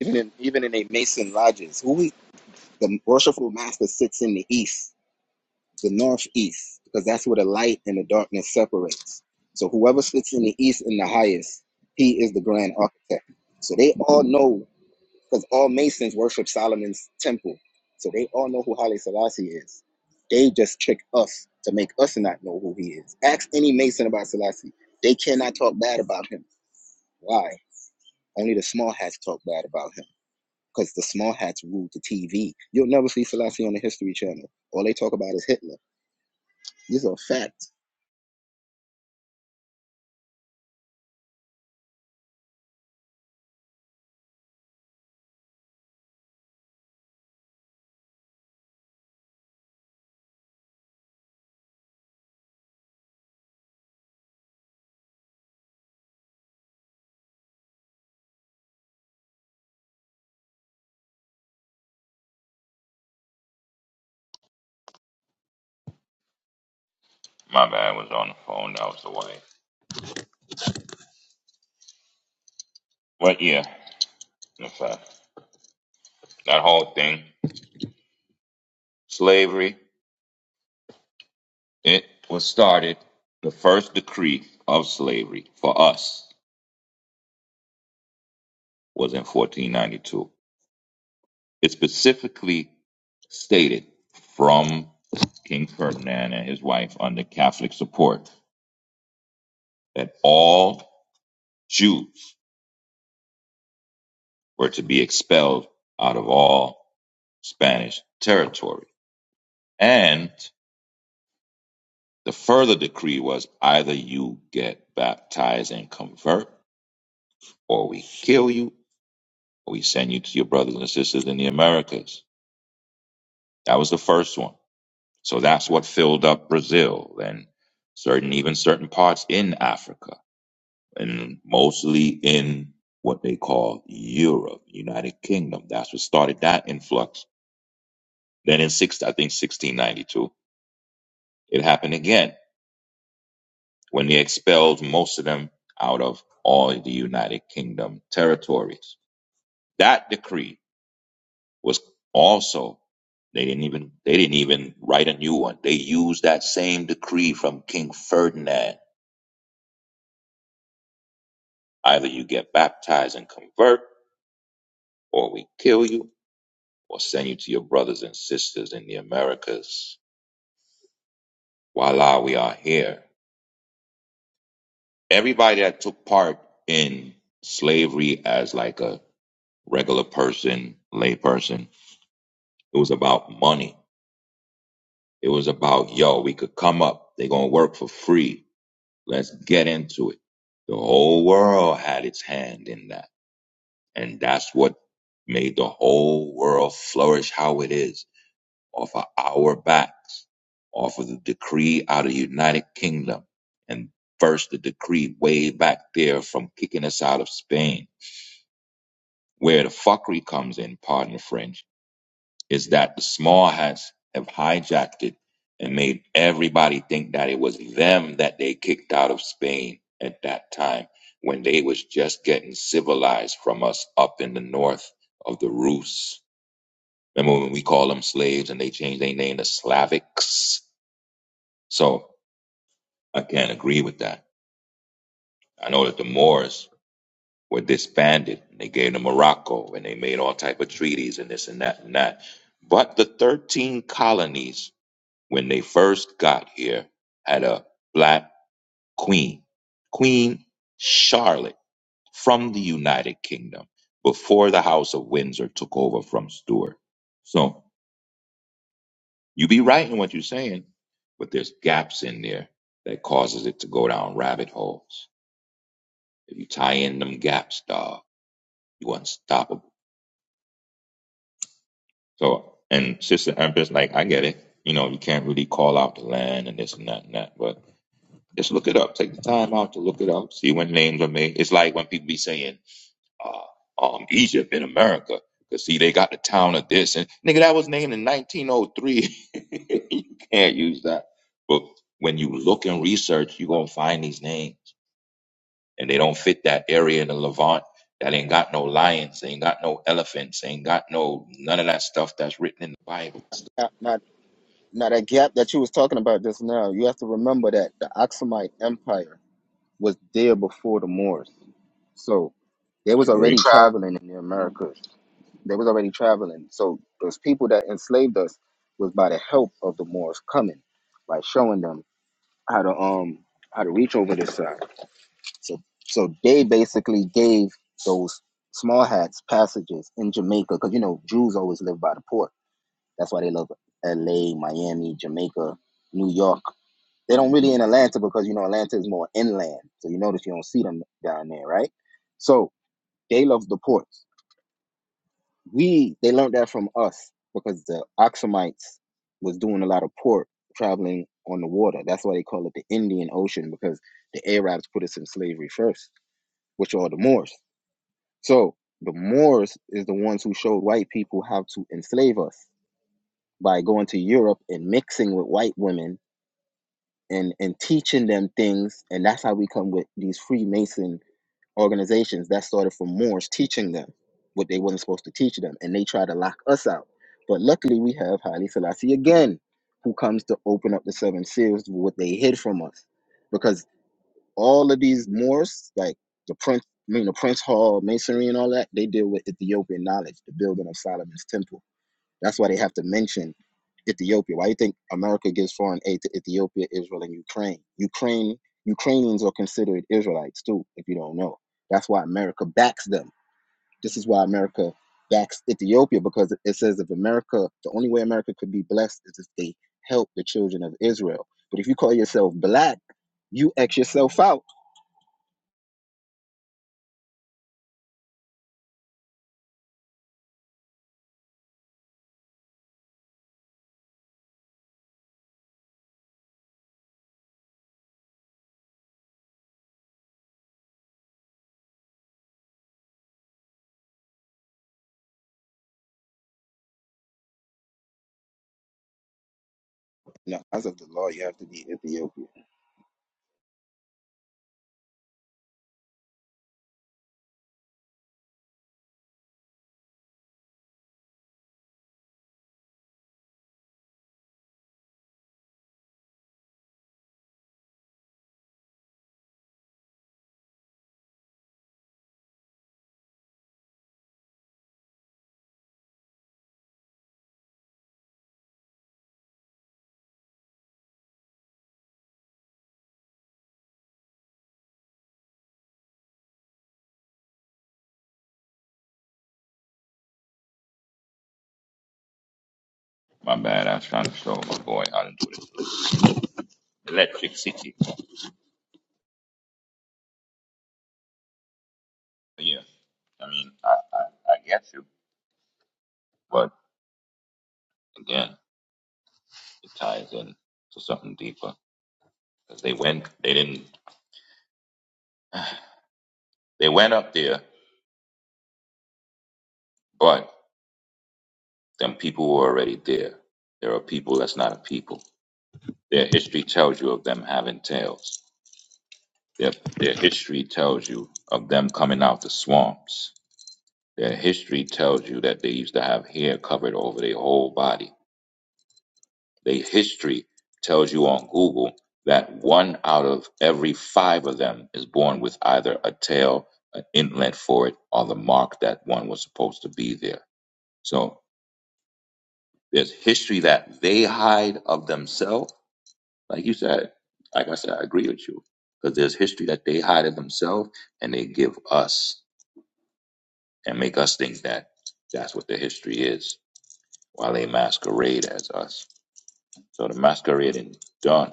Even in, even in a Mason lodges, who we, the worshipful master sits in the east, the northeast, because that's where the light and the darkness separates. So whoever sits in the east in the highest, he is the grand architect. So they all know because all Masons worship Solomon's temple. So they all know who Haile Selassie is. They just trick us to make us not know who he is. Ask any Mason about Selassie. They cannot talk bad about him. Why? Only the small hats talk bad about him. Because the small hats rule the TV. You'll never see Selassie on the History Channel. All they talk about is Hitler. These are facts.
My bad I was on the phone. That was the wife. What year? that whole thing. Slavery, it was started. The first decree of slavery for us was in 1492. It specifically stated from King Ferdinand and his wife under Catholic support that all Jews were to be expelled out of all Spanish territory. And the further decree was either you get baptized and convert, or we kill you, We send you to your brothers and sisters in the Americas. That was the first one. So that's what filled up Brazil and certain, even certain parts in Africa and mostly in what they call Europe, United Kingdom. That's what started that influx. Then in six, I think 1692, it happened again when they expelled most of them out of all the United Kingdom territories. That decree was also they didn't even they didn't even write a new one. They used that same decree from King Ferdinand. Either you get baptized and convert, or we kill you, or send you to your brothers and sisters in the Americas. Voila, we are here. Everybody that took part in slavery as like a regular person, lay person, it was about money. It was about, yo, we could come up. They're gonna work for free Let's get into it. The whole world had its hand in that. And that's what made the whole world flourish how it is off of our backs, off of the decree out of the United Kingdom. And first the decree way back there from kicking us out of Spain, where the fuckery comes in, pardon the French is that the small hats have hijacked it and made everybody think that it was them that they kicked out of Spain at that time when they was just getting civilized from us up in the north of the Rus. Remember when we call them slaves and they changed their name to Slavics? So I can't agree with that. I know that the Moors were disbanded. And they gave to Morocco and they made all type of treaties and this and that and that. But the 13 colonies when they first got here, had a black queen, Queen Charlotte from the United Kingdom, before the House of Windsor took over from Stuart. So you be right in what you're saying, but there's gaps in there that causes it to go down rabbit holes. If you tie in them gaps, dog, you unstoppable. So and Sister Empress, like I get it. You know, you can't really call out the land and this and that and that, but Just look it up. Take the time out to look it up. See when names are made. It's like when people be saying, uh, um, Egypt in America. Cause see, they got the town of this and nigga, that was named in 1903. you can't use that. But when you look and research, you gonna find these names and they don't fit that area in the Levant. That ain't got no lions, ain't got no elephants, ain't got no none of that stuff that's written in the Bible.
Now, now, now that gap that you was talking about just now, you have to remember that the Aksumite Empire was there before the Moors. So they
I
was
agree.
already traveling in the Americas. They was already traveling. So those people that enslaved us was by the help of the Moors coming, by showing them how to um how to reach over this side. So so they basically gave those small hats passages in Jamaica because you know Jews always live by the port. That's why they love L.A., Miami, Jamaica, New York. They don't really in Atlanta because you know Atlanta is more inland. So you notice you don't see them down there, right? So they love the ports. we they learned that from us because the Oxumites was doing a lot of port traveling on the water. That's why they call it the Indian Ocean because the Arabs put us in slavery first, which are the Moors. So the Moors is the ones who showed white people how to enslave us by going to Europe and mixing with white women and and teaching them things, and that's how we come with these Freemason organizations that started from Moors teaching them what they weren't supposed to teach them, and they try to lock us out. But luckily, we have Haile Selassie again, who comes to open up the seven seals, what they hid from us, because all of these Moors, like the Prince, I mean the Prince Hall Masonry and all that, they deal with Ethiopian knowledge, the building of Solomon's temple that's why they have to mention Ethiopia. Why do you think America gives foreign aid to Ethiopia, Israel, and Ukraine? Ukraine Ukrainians are considered Israelites too, if you don't know. That's why America backs them. This is why America backs Ethiopia because it says if America, the only way America could be blessed is if they help the children of Israel. But if you call yourself black, you X yourself out. Now, as of the law, you have to be Ethiopian.
My bad, I was trying to show my boy how to do this. Electric City. yeah, I mean, I, I, I get you, but again, it ties in to something deeper because they went, they didn't, they went up there, but them people were already there. There are people that's not a people. Their history tells you of them having tails. Their, their history tells you of them coming out the swamps. Their history tells you that they used to have hair covered over their whole body. The history tells you on Google that one out of every five of them is born with either a tail, an inlet for it, or the mark that one was supposed to be there. So there's history that they hide of themselves. Like you said, like I said, I agree with you. Because there's history that they hide of themselves and they give us and make us think that that's what the history is while they masquerade as us. So the masquerading done.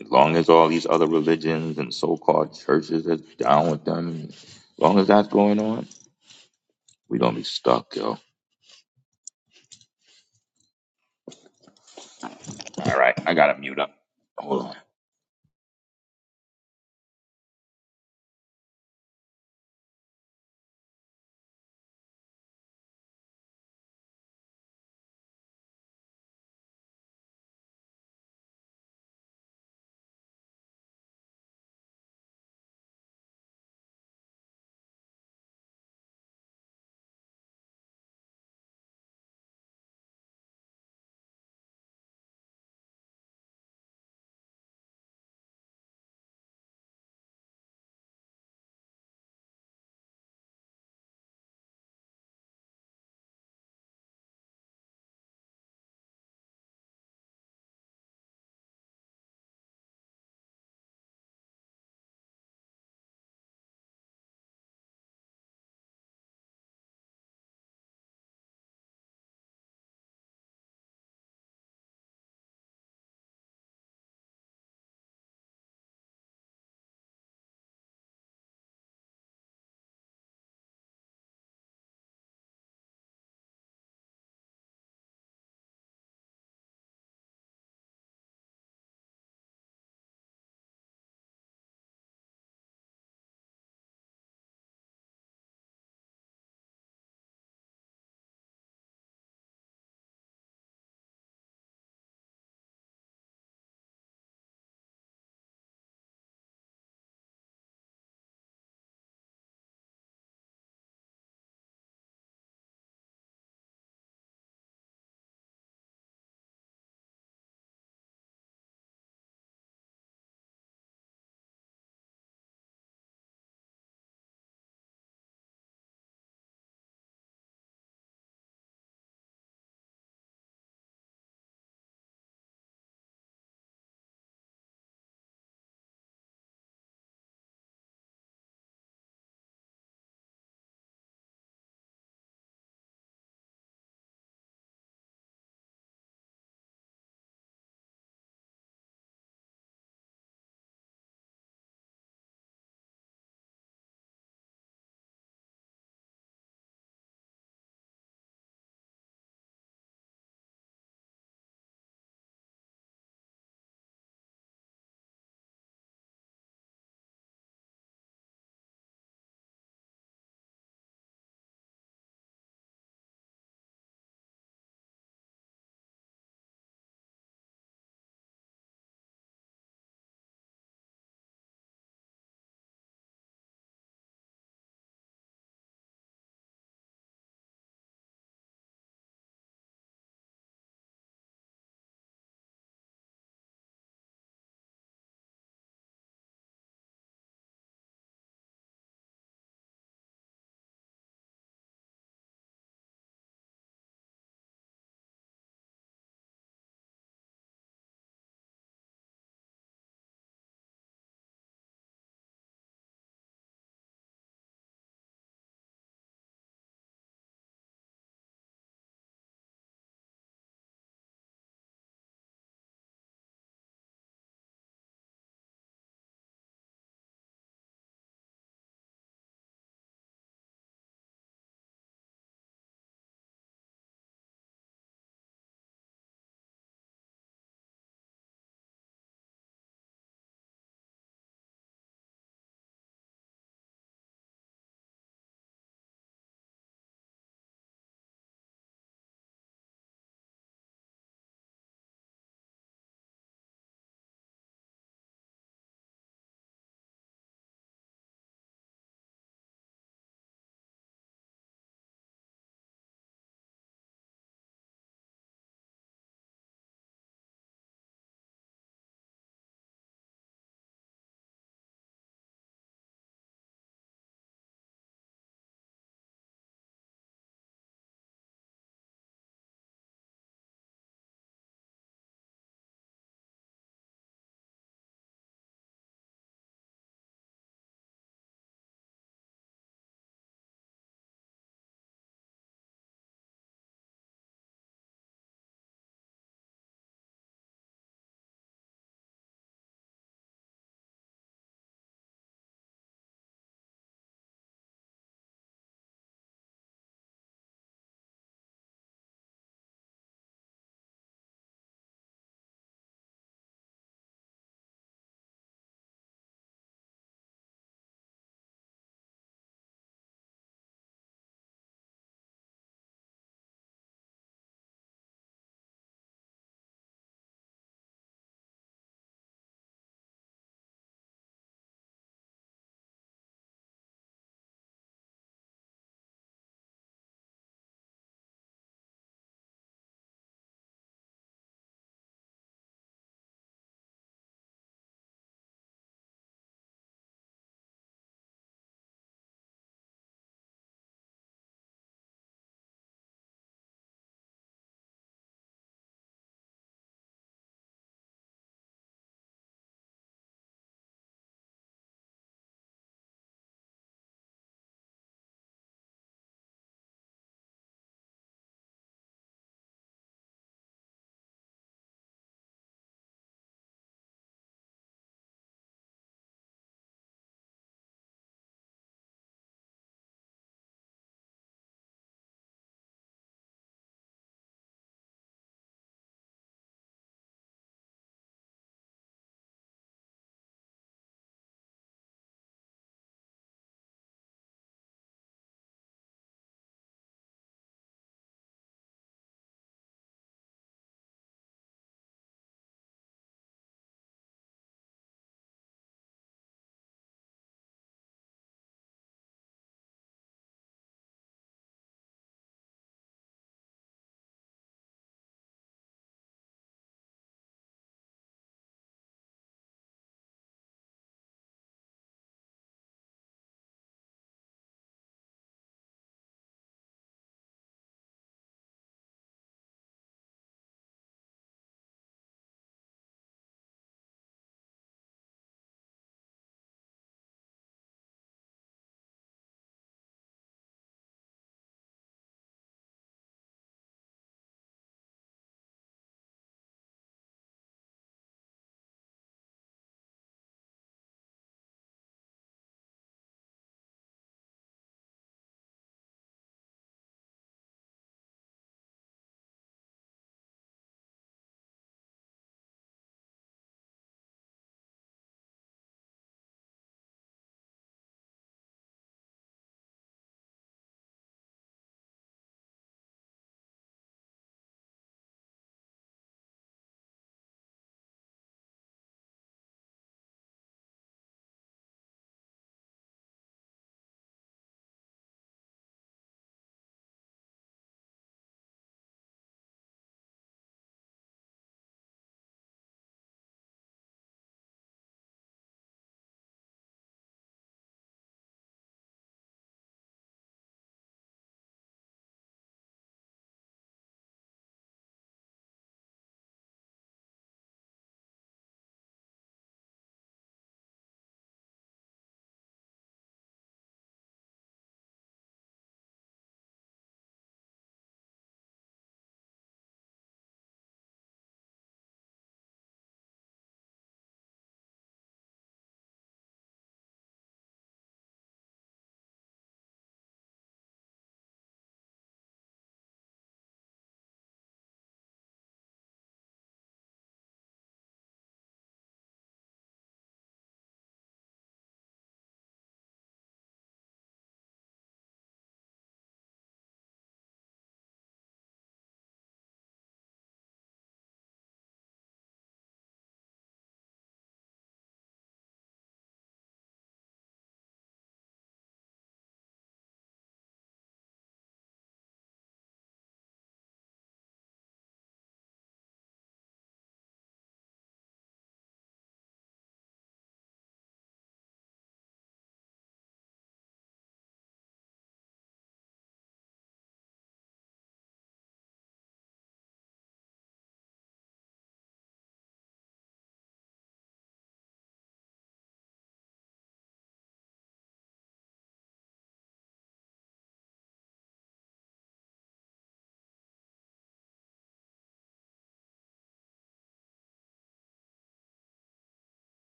As long as all these other religions and so-called churches are down with them, as long as that's going on, we gonna be stuck, yo. All right, I gotta mute up. Hold on.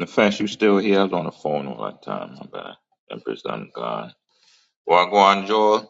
Nefesh, you still here? I was on the phone all that time. My bad. Empress, I'm gone. Wagwan, Joel.